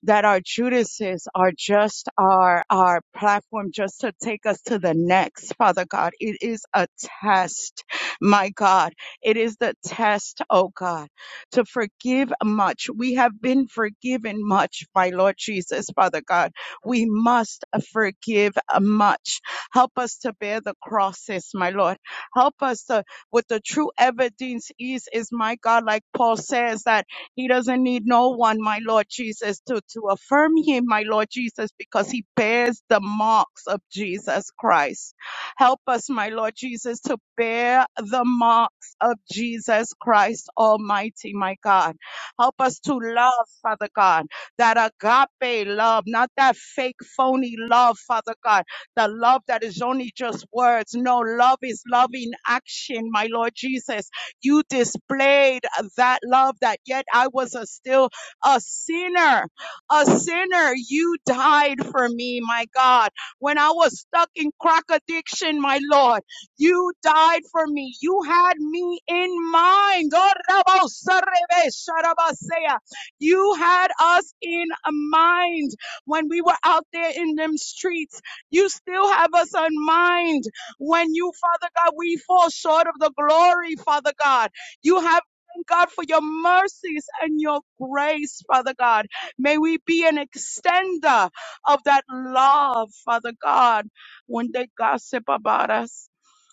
[SPEAKER 5] that our Judases are just our, our platform just to take us to the next, Father God. It is a test, my God. It is the test, oh God, to forgive much. We have been forgiven much, my Lord Jesus, Father God. We must forgive much Help us to bear the crosses, my Lord. Help us to, what the true evidence is, is my God, like Paul says, that he doesn't need no one, my Lord Jesus, to, to affirm him, my Lord Jesus, because he bears the marks of Jesus Christ. Help us, my Lord Jesus, to bear the marks of Jesus Christ Almighty, my God. Help us to love, Father God, that agape love, not that fake, phony love, Father God the love that is only just words. No, love is love in action, my Lord Jesus. You displayed that love that yet I was a still a sinner. A sinner, you died for me, my God. When I was stuck in crack addiction, my Lord, you died for me. You had me in mind. Oh, Rabbo Sarebe Sharabasea. You had us in mind when we were out there in them streets. You still have us in mind when you, Father God, we fall short of the glory, Father God. You have Thank God for your mercies and your grace, Father God. May we be an extender of that love, Father God. When they gossip about us,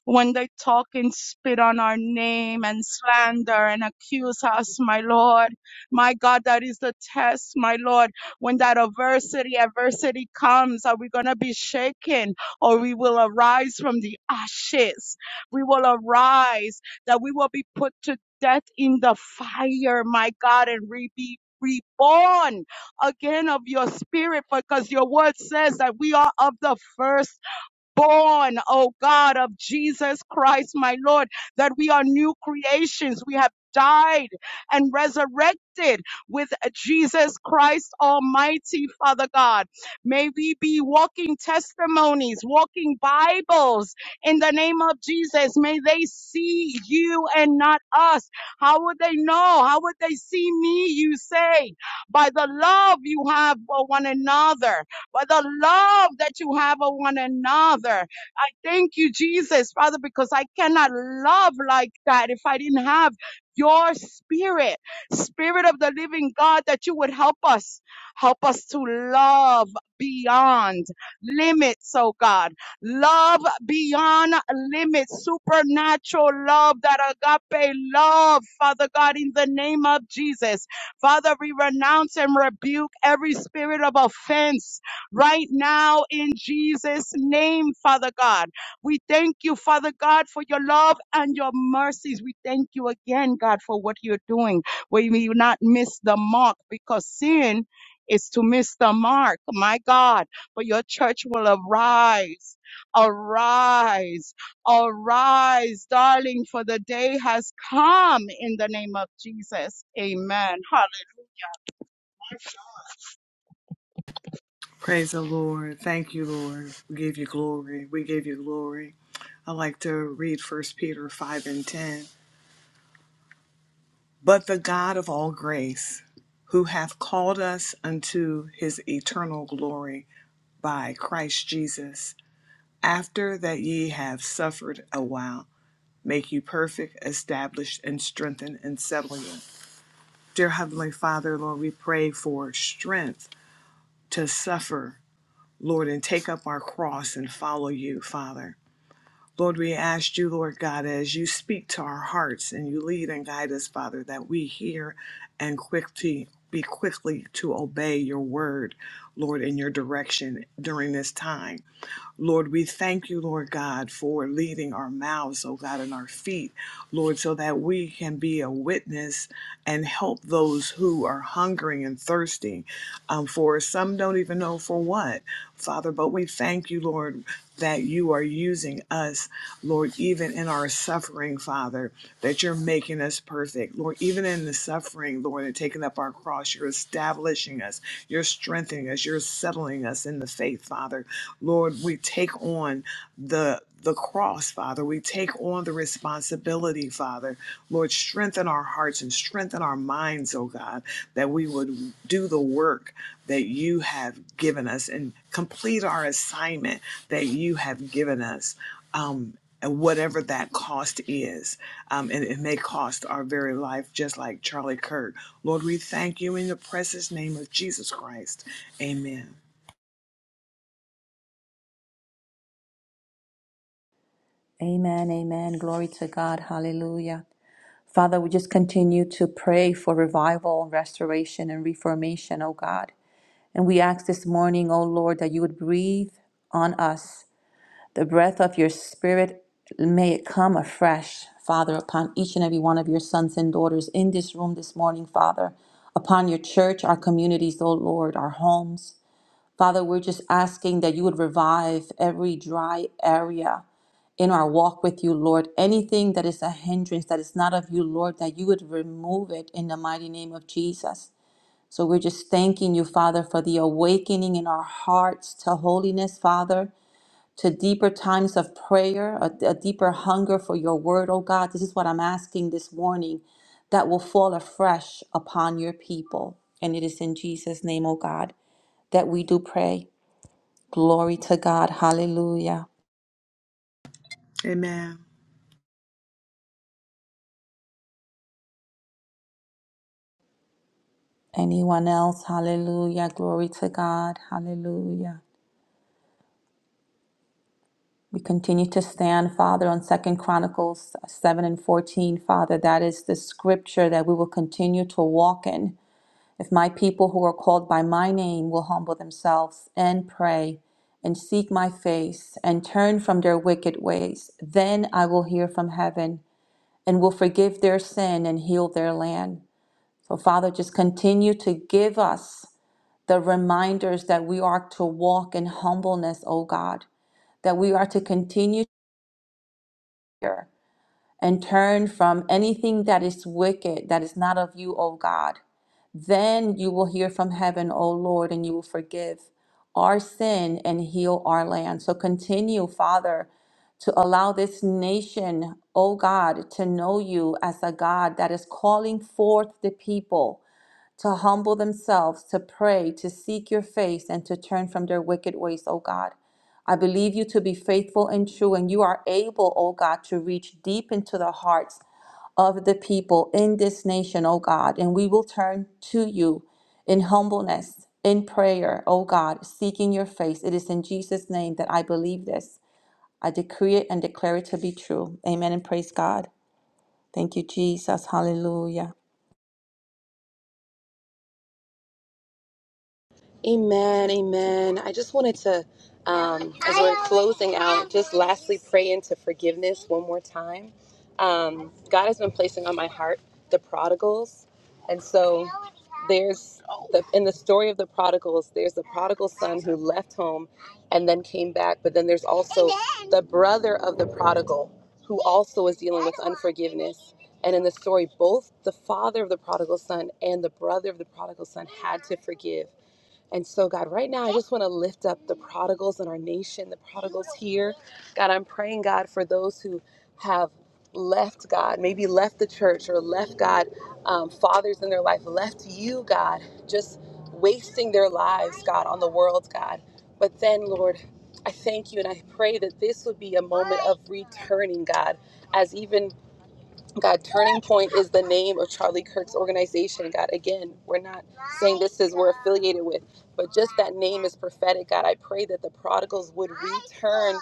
[SPEAKER 5] when they talk and spit on our name and slander and accuse us, my Lord. My God, that is the test, my Lord. When that adversity, adversity comes, are we going to be shaken or we will arise from the ashes? We will arise that we will be put to death in the fire, my God, and re- be reborn again of your spirit because your word says that we are of the first born, oh God, of Jesus Christ, my Lord, that we are new creations. We have died and resurrected with Jesus Christ Almighty, Father God. May we be walking testimonies, walking Bibles in the name of Jesus. May they see you and not us. How would they know? How would they see me? You say, by the love you have for one another for the love that you have of one another. I thank you, Jesus, Father, because I cannot love like that if I didn't have your spirit, spirit of the living God, that you would help us, help us to love beyond limits, oh God. Love beyond limits, supernatural love, that agape love, Father God, in the name of Jesus. Father, we renounce and rebuke every spirit of offense right now in Jesus' name, Father God. We thank you, Father God, for your love and your mercies. We thank you again, God, for what you're doing. We may not miss the mark because sin is to miss the mark, my God. But your church will arise, arise, arise, darling, for the day has come in the name of Jesus. Amen. Hallelujah.
[SPEAKER 6] Praise the Lord. Thank you, Lord. We give you glory. We give you glory. I like to read First Peter 5 and 10. but the God of all grace, who hath called us unto his eternal glory by Christ Jesus, after that ye have suffered a while, make you perfect, establish, and strengthen, and settle you. Dear Heavenly Father, Lord, we pray for strength to suffer, Lord, and take up our cross and follow you, Father. Lord, we ask you, Lord God, as you speak to our hearts and you lead and guide us, Father, that we hear and quickly be quickly to obey your word, Lord, in your direction during this time. Lord, we thank you, Lord God, for leading our mouths, oh God, and our feet, Lord, so that we can be a witness and help those who are hungering and thirsting um, for some don't even know for what, Father. But we thank you, Lord, that you are using us, Lord, even in our suffering, Father, that you're making us perfect, Lord, even in the suffering, Lord, and taking up our cross, you're establishing us, you're strengthening us, you're settling us in the faith, Father. Lord, we take on the the cross, Father. We take on the responsibility, Father. Lord, strengthen our hearts and strengthen our minds, oh God, that we would do the work that you have given us and complete our assignment that you have given us. Um, and whatever that cost is, um, and it may cost our very life, just like Charlie Kirk. Lord, we thank you in the precious name of Jesus Christ. Amen.
[SPEAKER 3] Amen. Amen. Glory to God. Hallelujah. Father, we just continue to pray for revival, restoration, and reformation, O God. And we ask this morning, O Lord, that you would breathe on us the breath of your spirit. May it come afresh, Father, upon each and every one of your sons and daughters in this room this morning, Father, upon your church, our communities, O Lord, our homes. Father, we're just asking that you would revive every dry area in our walk with you, Lord. Anything that is a hindrance, that is not of you, Lord, that you would remove it in the mighty name of Jesus. So we're just thanking you, Father, for the awakening in our hearts to holiness, Father, to deeper times of prayer, a, a deeper hunger for your word, oh God. This is what I'm asking this morning that will fall afresh upon your people. And it is in Jesus' name, oh God, that we do pray. Glory to God. Hallelujah.
[SPEAKER 6] Amen.
[SPEAKER 3] Anyone else? Hallelujah. Glory to God. Hallelujah. We continue to stand, Father, on Second Chronicles 7 and 14. Father, that is the scripture that we will continue to walk in. If my people who are called by my name will humble themselves and pray and seek my face and turn from their wicked ways, then I will hear from heaven and will forgive their sin and heal their land. So, Father, just continue to give us. the reminders that we are to walk in humbleness, O God, that we are to continue here and turn from anything that is wicked, that is not of you, O God. Then you will hear from heaven, O Lord, and you will forgive our sin and heal our land. So continue, Father, to allow this nation, O God, to know you as a God that is calling forth the people to humble themselves, to pray, to seek your face, and to turn from their wicked ways, O God. I believe you to be faithful and true, and you are able, O God, to reach deep into the hearts of the people in this nation, O God. And we will turn to you in humbleness, in prayer, O God, seeking your face. It is in Jesus' name that I believe this. I decree it and declare it to be true. Amen and praise God. Thank you, Jesus. Hallelujah.
[SPEAKER 1] Amen, amen. I just wanted to, um, as we're closing out, just lastly pray into forgiveness one more time. Um, God has been placing on my heart the prodigals, and so there's the, in the story of the prodigals, there's the prodigal son who left home and then came back, but then there's also the brother of the prodigal who also is dealing with unforgiveness. And in the story, both the father of the prodigal son and the brother of the prodigal son had to forgive. And so, God, right now, I just want to lift up the prodigals in our nation, the prodigals here. God, I'm praying, God, for those who have left God, maybe left the church or left God, um, fathers in their life, left you, God, just wasting their lives, God, on the world, God. But then, Lord, I thank you and I pray that this would be a moment of returning, God, as even God, Turning Point is the name of Charlie Kirk's organization. God, again, we're not saying this is we're affiliated with, but just that name is prophetic. God, I pray that the prodigals would return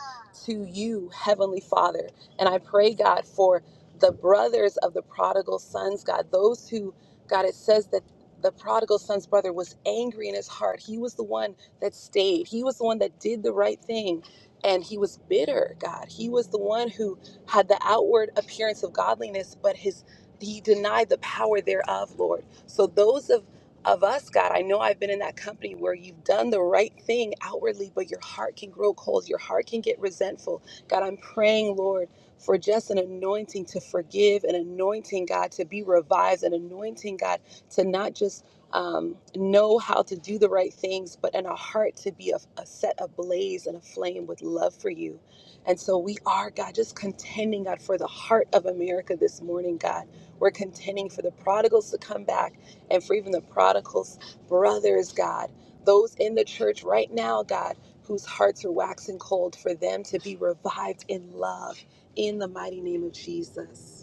[SPEAKER 1] to you, Heavenly Father. And I pray, God, for the brothers of the prodigal sons, God, those who, God, it says that the prodigal son's brother was angry in his heart. He was the one that stayed, he was the one that did the right thing. And he was bitter, God. He was the one who had the outward appearance of godliness, but his he denied the power thereof, Lord. So those of of us, God, I know I've been in that company where you've done the right thing outwardly, but your heart can grow cold. Your heart can get resentful. God, I'm praying, Lord, for just an anointing to forgive, an anointing, God, to be revised, an anointing, God, to not just um, know how to do the right things, but in a heart to be a, a set ablaze and aflame with love for you. And so we are, God, just contending, God, for the heart of America this morning, God. We're contending for the prodigals to come back and for even the prodigals' brothers, God, those in the church right now, God, whose hearts are waxing cold, for them to be revived in love in the mighty name of Jesus.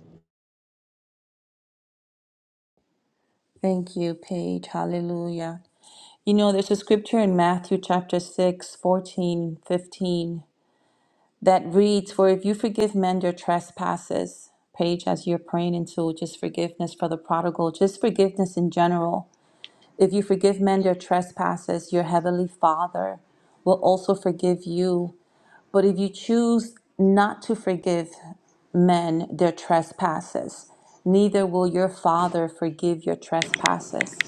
[SPEAKER 3] Thank you, Paige. Hallelujah. You know, there's a scripture in Matthew chapter 6, 14, 15, that reads, For if you forgive men their trespasses, Paige, as you're praying into just forgiveness for the prodigal, just forgiveness in general, if you forgive men their trespasses, your heavenly Father will also forgive you. But if you choose not to forgive men their trespasses, neither will your Father forgive your trespasses.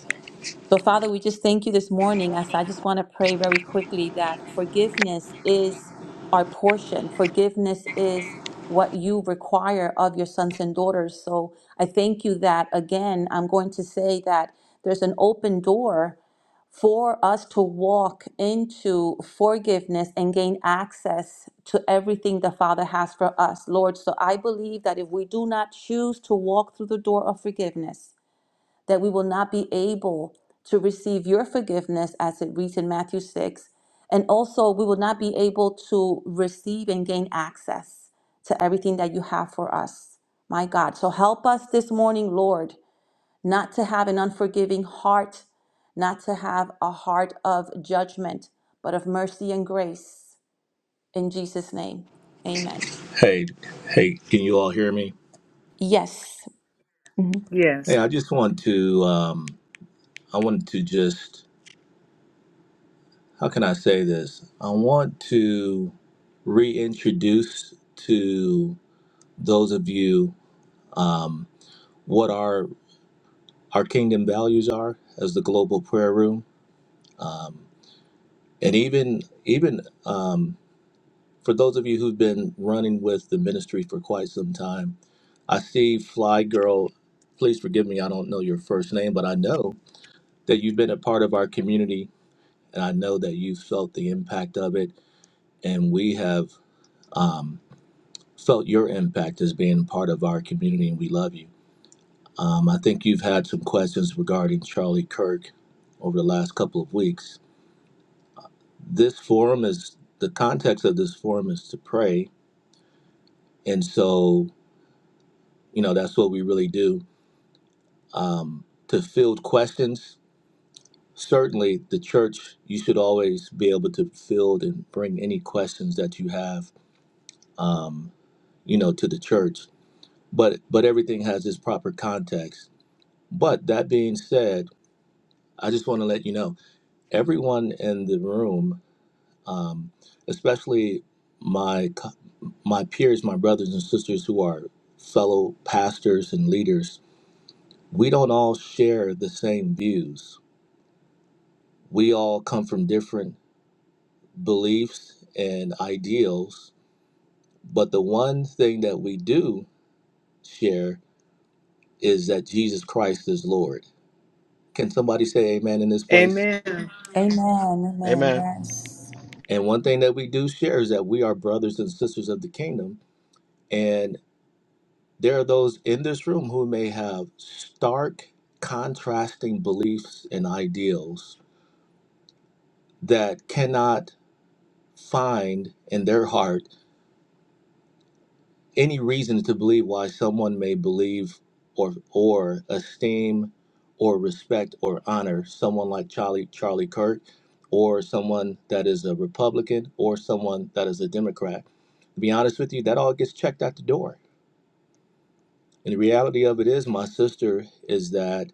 [SPEAKER 3] So, Father, we just thank you this morning. As I just want to pray very quickly that forgiveness is our portion, forgiveness is what you require of your sons and daughters. So, I thank you that again, I'm going to say that there's an open door for us to walk into forgiveness and gain access to everything the Father has for us, Lord. So, I believe that if we do not choose to walk through the door of forgiveness, that we will not be able to receive your forgiveness as it reads in Matthew 6. And also, we will not be able to receive and gain access to everything that you have for us. My God. So help us this morning, Lord, not to have an unforgiving heart, not to have a heart of judgment, but of mercy and grace. In Jesus' name, amen.
[SPEAKER 4] Hey, hey, can you all hear me?
[SPEAKER 3] Yes. Mhm.
[SPEAKER 6] Yes.
[SPEAKER 4] Hey, I just want to, um, I wanted to just how can I say this? I want to reintroduce to those of you um, what our our kingdom values are as the global prayer room, and even even um, for those of you who've been running with the ministry for quite some time. I see Fly Girl. Please forgive me. I don't know your first name, but I know that you've been a part of our community, and I know that you've felt the impact of it. And we have. Um, felt your impact as being part of our community, and we love you. Um, I think you've had some questions regarding Charlie Kirk over the last couple of weeks. This forum is the context of this forum is to pray, and so you know that's what we really do um, to field questions. Certainly, the church you should always be able to field and bring any questions that you have, um, you know, to the church. But but everything has its proper context. But that being said, I just want to let you know everyone in the room, um, especially my co- my peers, my brothers and sisters who are fellow pastors and leaders, we don't all share the same views. We all come from different beliefs and ideals, but the one thing that we do share is that Jesus Christ is Lord. Can somebody say amen in this place?
[SPEAKER 6] Amen.
[SPEAKER 3] Amen. Amen.
[SPEAKER 2] Amen.
[SPEAKER 3] Yes.
[SPEAKER 4] And one thing that we do share is that we are brothers and sisters of the kingdom and There are those in this room who may have stark, contrasting beliefs and ideals that cannot find in their heart any reason to believe why someone may believe or or esteem or respect or honor someone like Charlie Charlie Kirk or someone that is a Republican or someone that is a Democrat. To be honest with you, that all gets checked out the door. And the reality of it is, my sister, is that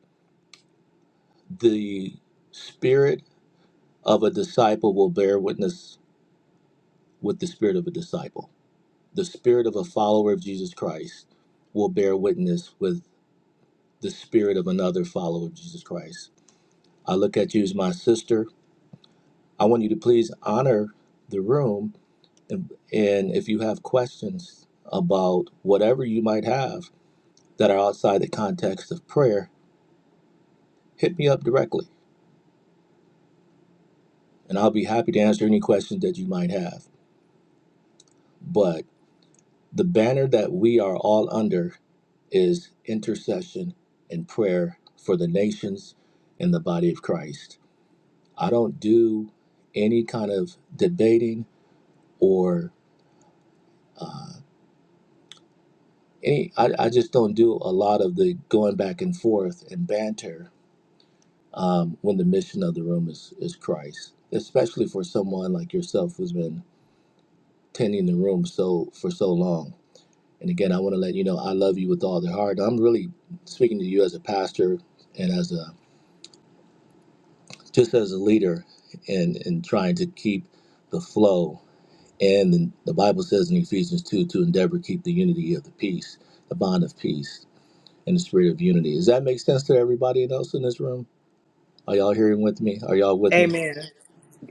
[SPEAKER 4] the spirit of a disciple will bear witness with the spirit of a disciple. The spirit of a follower of Jesus Christ will bear witness with the spirit of another follower of Jesus Christ. I look at you as my sister. I want you to please honor the room. And, and if you have questions about whatever you might have that are outside the context of prayer, hit me up directly and I'll be happy to answer any questions that you might have. But The banner that we are all under is intercession and prayer for the nations and the body of Christ. I don't do any kind of debating or uh, any, I, I just don't do a lot of the going back and forth and banter um, when the mission of the room is, is Christ, especially for someone like yourself who's been tending the room so for so long And again, I want to let you know I love you with all the heart. I'm really speaking to you as a pastor and as a just as a leader and in trying to keep the flow. And the, the Bible says in Ephesians 2 to endeavor to keep the unity of the peace, the bond of peace, and the spirit of unity. Does that make sense to everybody else in this room? Are y'all hearing with me? Are y'all with me?
[SPEAKER 6] Amen.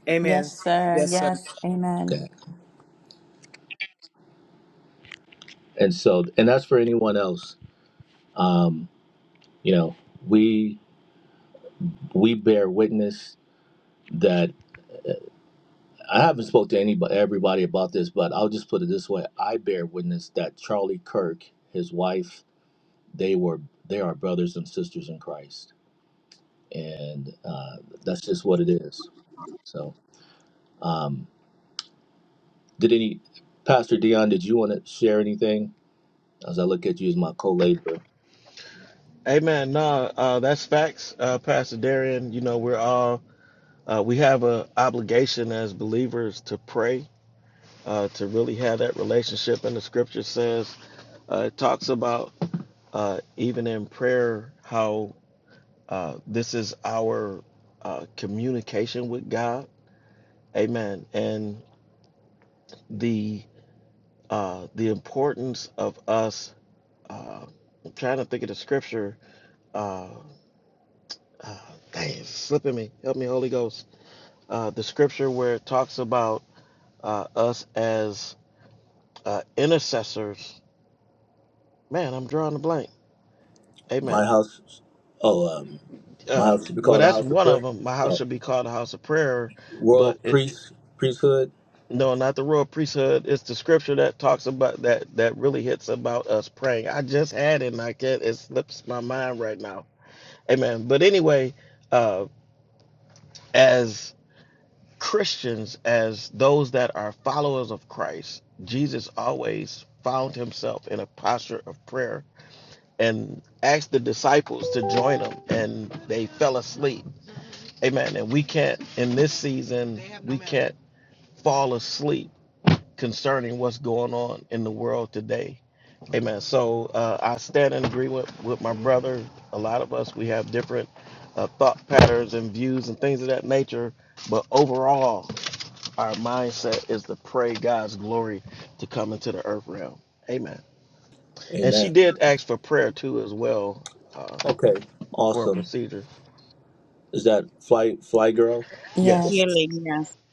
[SPEAKER 6] Amen.
[SPEAKER 3] Yes, sir.
[SPEAKER 6] Yes, sir.
[SPEAKER 3] Yes. Amen.
[SPEAKER 4] Okay. And so, and that's for anyone else. Um, you know, we we bear witness that. I haven't spoke to anybody, everybody about this, but I'll just put it this way: I bear witness that Charlie Kirk, his wife, they were they are brothers and sisters in Christ, and uh, that's just what it is. So, um, did any Pastor Dion? Did you want to share anything? As I look at you as my co-laborer,
[SPEAKER 2] Amen. No, uh, that's facts, uh, Pastor Darian. You know, we're all uh, we have an obligation as believers to pray, uh, to really have that relationship. And the Scripture says uh, it talks about uh, even in prayer how uh, this is our uh, communication with God. Amen. And the uh, the importance of us. Uh, I'm trying to think of the scripture. Uh, uh, dang, it's slipping me. Help me, Holy Ghost. Uh, the scripture where it talks about uh, us as uh, intercessors. Man, I'm drawing a blank.
[SPEAKER 4] my
[SPEAKER 2] Amen.
[SPEAKER 4] house. Oh, uh, my
[SPEAKER 2] Uh,
[SPEAKER 4] house should be
[SPEAKER 2] well,
[SPEAKER 4] called a
[SPEAKER 2] that's
[SPEAKER 4] house of
[SPEAKER 2] one of
[SPEAKER 4] prayer.
[SPEAKER 2] them. My house
[SPEAKER 4] Oh,
[SPEAKER 2] should be called a house of prayer, but
[SPEAKER 4] world
[SPEAKER 2] it
[SPEAKER 4] priest priesthood.
[SPEAKER 2] no, not the royal priesthood. It's the scripture that talks about that that really hits about us praying. I just had it, and I can't. It slips my mind right now Amen. But anyway, uh, as Christians, as those that are followers of Christ, Jesus always found himself in a posture of prayer and asked the disciples to join him, and they fell asleep. Amen. And we can't, in this season, we can't fall asleep concerning what's going on in the world today Amen. So uh, I stand in agreement with with my brother. A lot of us, we have different uh, thought patterns and views and things of that nature. But overall, our mindset is to pray God's glory to come into the earth realm. Amen. And she
[SPEAKER 4] Amen.
[SPEAKER 2] did ask for prayer too, as well, uh,
[SPEAKER 4] Okay,
[SPEAKER 2] for a
[SPEAKER 4] awesome.
[SPEAKER 2] procedure.
[SPEAKER 4] Is that fly fly girl?
[SPEAKER 2] Yes.
[SPEAKER 3] Yes.
[SPEAKER 5] Healing, yes.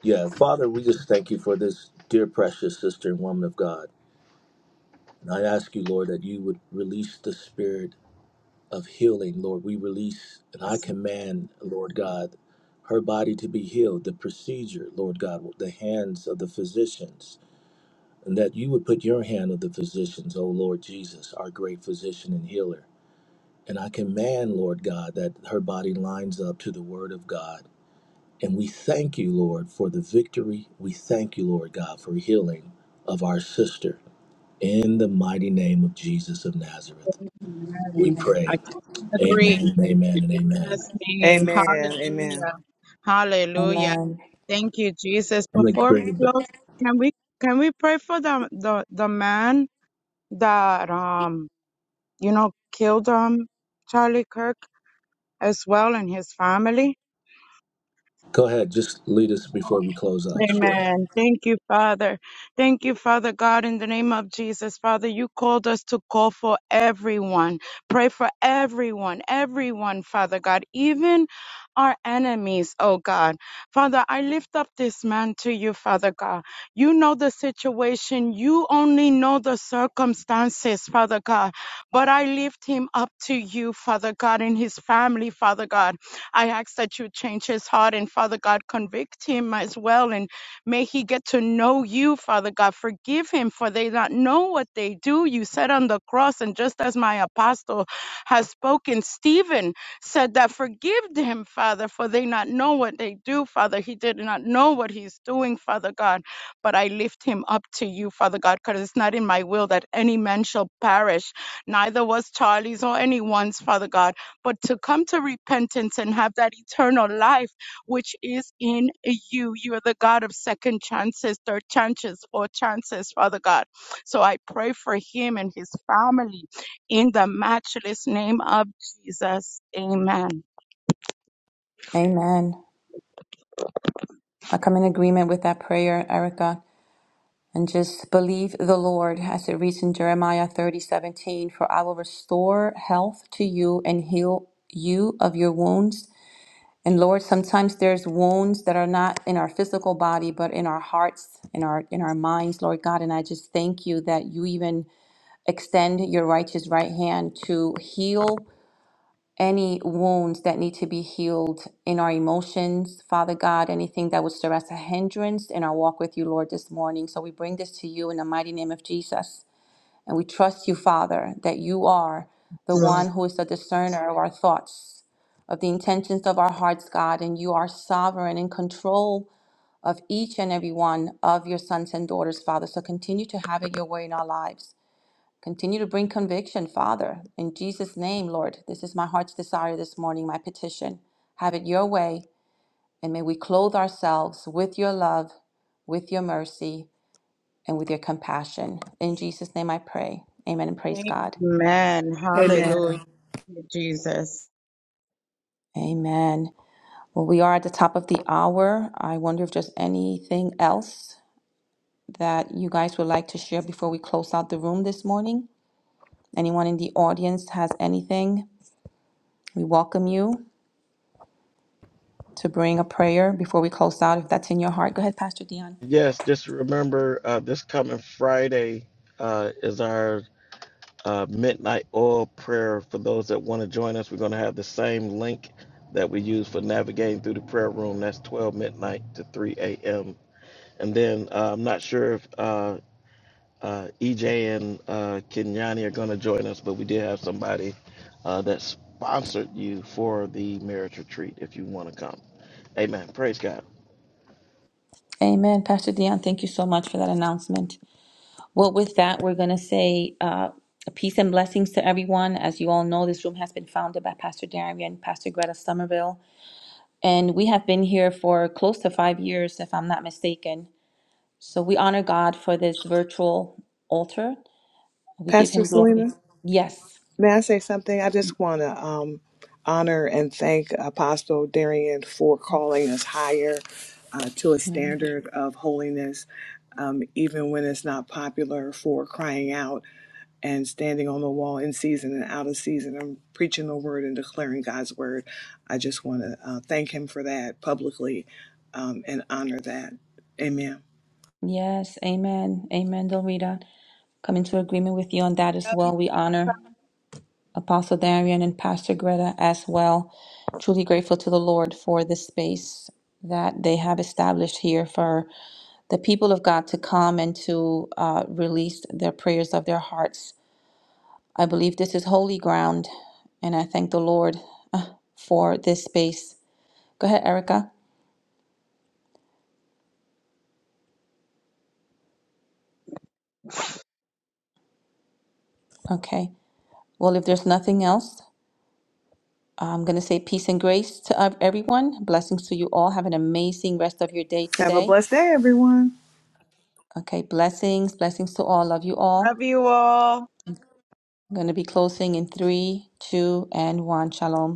[SPEAKER 4] Yeah, Father, we just thank you for this dear, precious sister and woman of God. And I ask you, Lord, that you would release the spirit of healing, Lord. We release and I command, Lord God, her body to be healed, the procedure, Lord God, with the hands of the physicians, and that you would put your hand of the physicians, O Lord Jesus, our great physician and healer. And I command, Lord God, that her body lines up to the word of God And we thank you, Lord, for the victory. We thank you, Lord God, for healing of our sister. In the mighty name of Jesus of Nazareth, we
[SPEAKER 5] Amen. I
[SPEAKER 4] pray.
[SPEAKER 5] totally agree.
[SPEAKER 4] Amen and
[SPEAKER 5] In
[SPEAKER 4] amen and
[SPEAKER 5] Jesus'
[SPEAKER 4] amen.
[SPEAKER 5] name.
[SPEAKER 6] Amen. Amen.
[SPEAKER 5] Hallelujah. Hallelujah.
[SPEAKER 3] Amen.
[SPEAKER 5] Thank you, Jesus.
[SPEAKER 4] I'm going to
[SPEAKER 5] Before we
[SPEAKER 4] bring it back.
[SPEAKER 5] close, can we can we pray for the the, the man that um you know killed um Charlie Kirk as well and his family?
[SPEAKER 4] Go ahead. Just lead us before we close out. Sure.
[SPEAKER 5] Amen. Thank you, Father. Thank you, Father God, in the name of Jesus. Father, you called us to call for everyone. Pray for everyone, everyone, Father God, even our enemies, oh God. Father, I lift up this man to you, Father God. You know the situation. You only know the circumstances, Father God. But I lift him up to you, Father God, and his family, Father God. I ask that you change his heart and, Father God, convict him as well. And may he get to know you, Father God. Forgive him, for they not know what they do. You said on the cross, and just as my apostle has spoken, Stephen said that, Forgive them, Father, for they not know what they do, Father. He did not know what he's doing, Father God but I lift him up to you, Father God, because it's not in my will that any man shall perish, neither was Charlie's or anyone's, Father God, but to come to repentance and have that eternal life which is in you. You are the God of second chances, third chances, fourth chances, Father God. So I pray for him and his family in the matchless name of Jesus. Amen.
[SPEAKER 3] Amen. I come in agreement with that prayer, Erica, and just believe the Lord as it reads in Jeremiah thirty seventeen. for I will restore health to you and heal you of your wounds. And Lord, sometimes there's wounds that are not in our physical body, but in our hearts, in our in our minds, Lord God. And I just thank you that you even extend your righteous right hand to heal any wounds that need to be healed in our emotions, Father God, anything that would serve as a hindrance in our walk with you, Lord, this morning. So we bring this to you in the mighty name of Jesus. And we trust you, Father, that you are the one who is the discerner of our thoughts, of the intentions of our hearts, God, and you are sovereign in control of each and every one of your sons and daughters, Father. So continue to have it your way in our lives. Continue to bring conviction, Father. In Jesus' name, Lord, this is my heart's desire this morning, my petition. Have it your way, and may we clothe ourselves with your love, with your mercy, and with your compassion. In Jesus' name I pray. Amen and
[SPEAKER 5] I
[SPEAKER 3] praise God.
[SPEAKER 6] Amen.
[SPEAKER 3] Amen. Well, we are at the top of the hour. I wonder if there's anything else that you guys would like to share before we close out the room this morning. Anyone in the audience has anything? We welcome you. to bring a prayer before we close out. If that's in your heart, go ahead, Pastor Dion.
[SPEAKER 2] Yes. Just remember uh, this coming Friday uh, is our uh, midnight oil prayer for those that want to join us. We're going to have the same link that we use for navigating through the prayer room. That's 12 midnight to 3 a.m. And then uh, I'm not sure if uh, uh, EJ and uh, Kenyani are going to join us, but we did have somebody uh, that sponsored you for the marriage retreat if you want to come. Amen. Praise God.
[SPEAKER 3] Amen. Pastor Dion, thank you so much for that announcement. Well, with that, we're going to say uh, peace and blessings to everyone. As you all know, this room has been founded by Pastor Darian and Pastor Greta Somerville. And we have been here for close to five years, if I'm not mistaken. So we honor God for this virtual altar. We give
[SPEAKER 6] Pastor
[SPEAKER 3] him glory.
[SPEAKER 6] Selena.
[SPEAKER 3] Yes.
[SPEAKER 6] May I say something? I just want to um, honor and thank Apostle Darian for calling us higher uh, to a standard of holiness, um, even when it's not popular, for crying out and standing on the wall in season and out of season and preaching the word and declaring God's word. I just want to uh, thank him for that publicly um, and honor that. Amen.
[SPEAKER 3] Yes. Amen. Amen, Dorita. Come into agreement with you on that as well. We honor Apostle Darian and Pastor Greta as well. Truly grateful to the Lord for this space that they have established here for the people of God to come and to uh, release their prayers of their hearts. I believe this is holy ground, and I thank the Lord uh, for this space. Go ahead, Erica. Okay. Well, if there's nothing else, I'm going to say peace and grace to ev- everyone. Blessings to you all. Have an amazing rest of your day
[SPEAKER 6] Have a
[SPEAKER 3] today.
[SPEAKER 6] blessed day, everyone.
[SPEAKER 3] Okay. Blessings. Blessings to all. Love you all.
[SPEAKER 5] Love you all.
[SPEAKER 3] I'm going to be closing in three, two, and one. Shalom.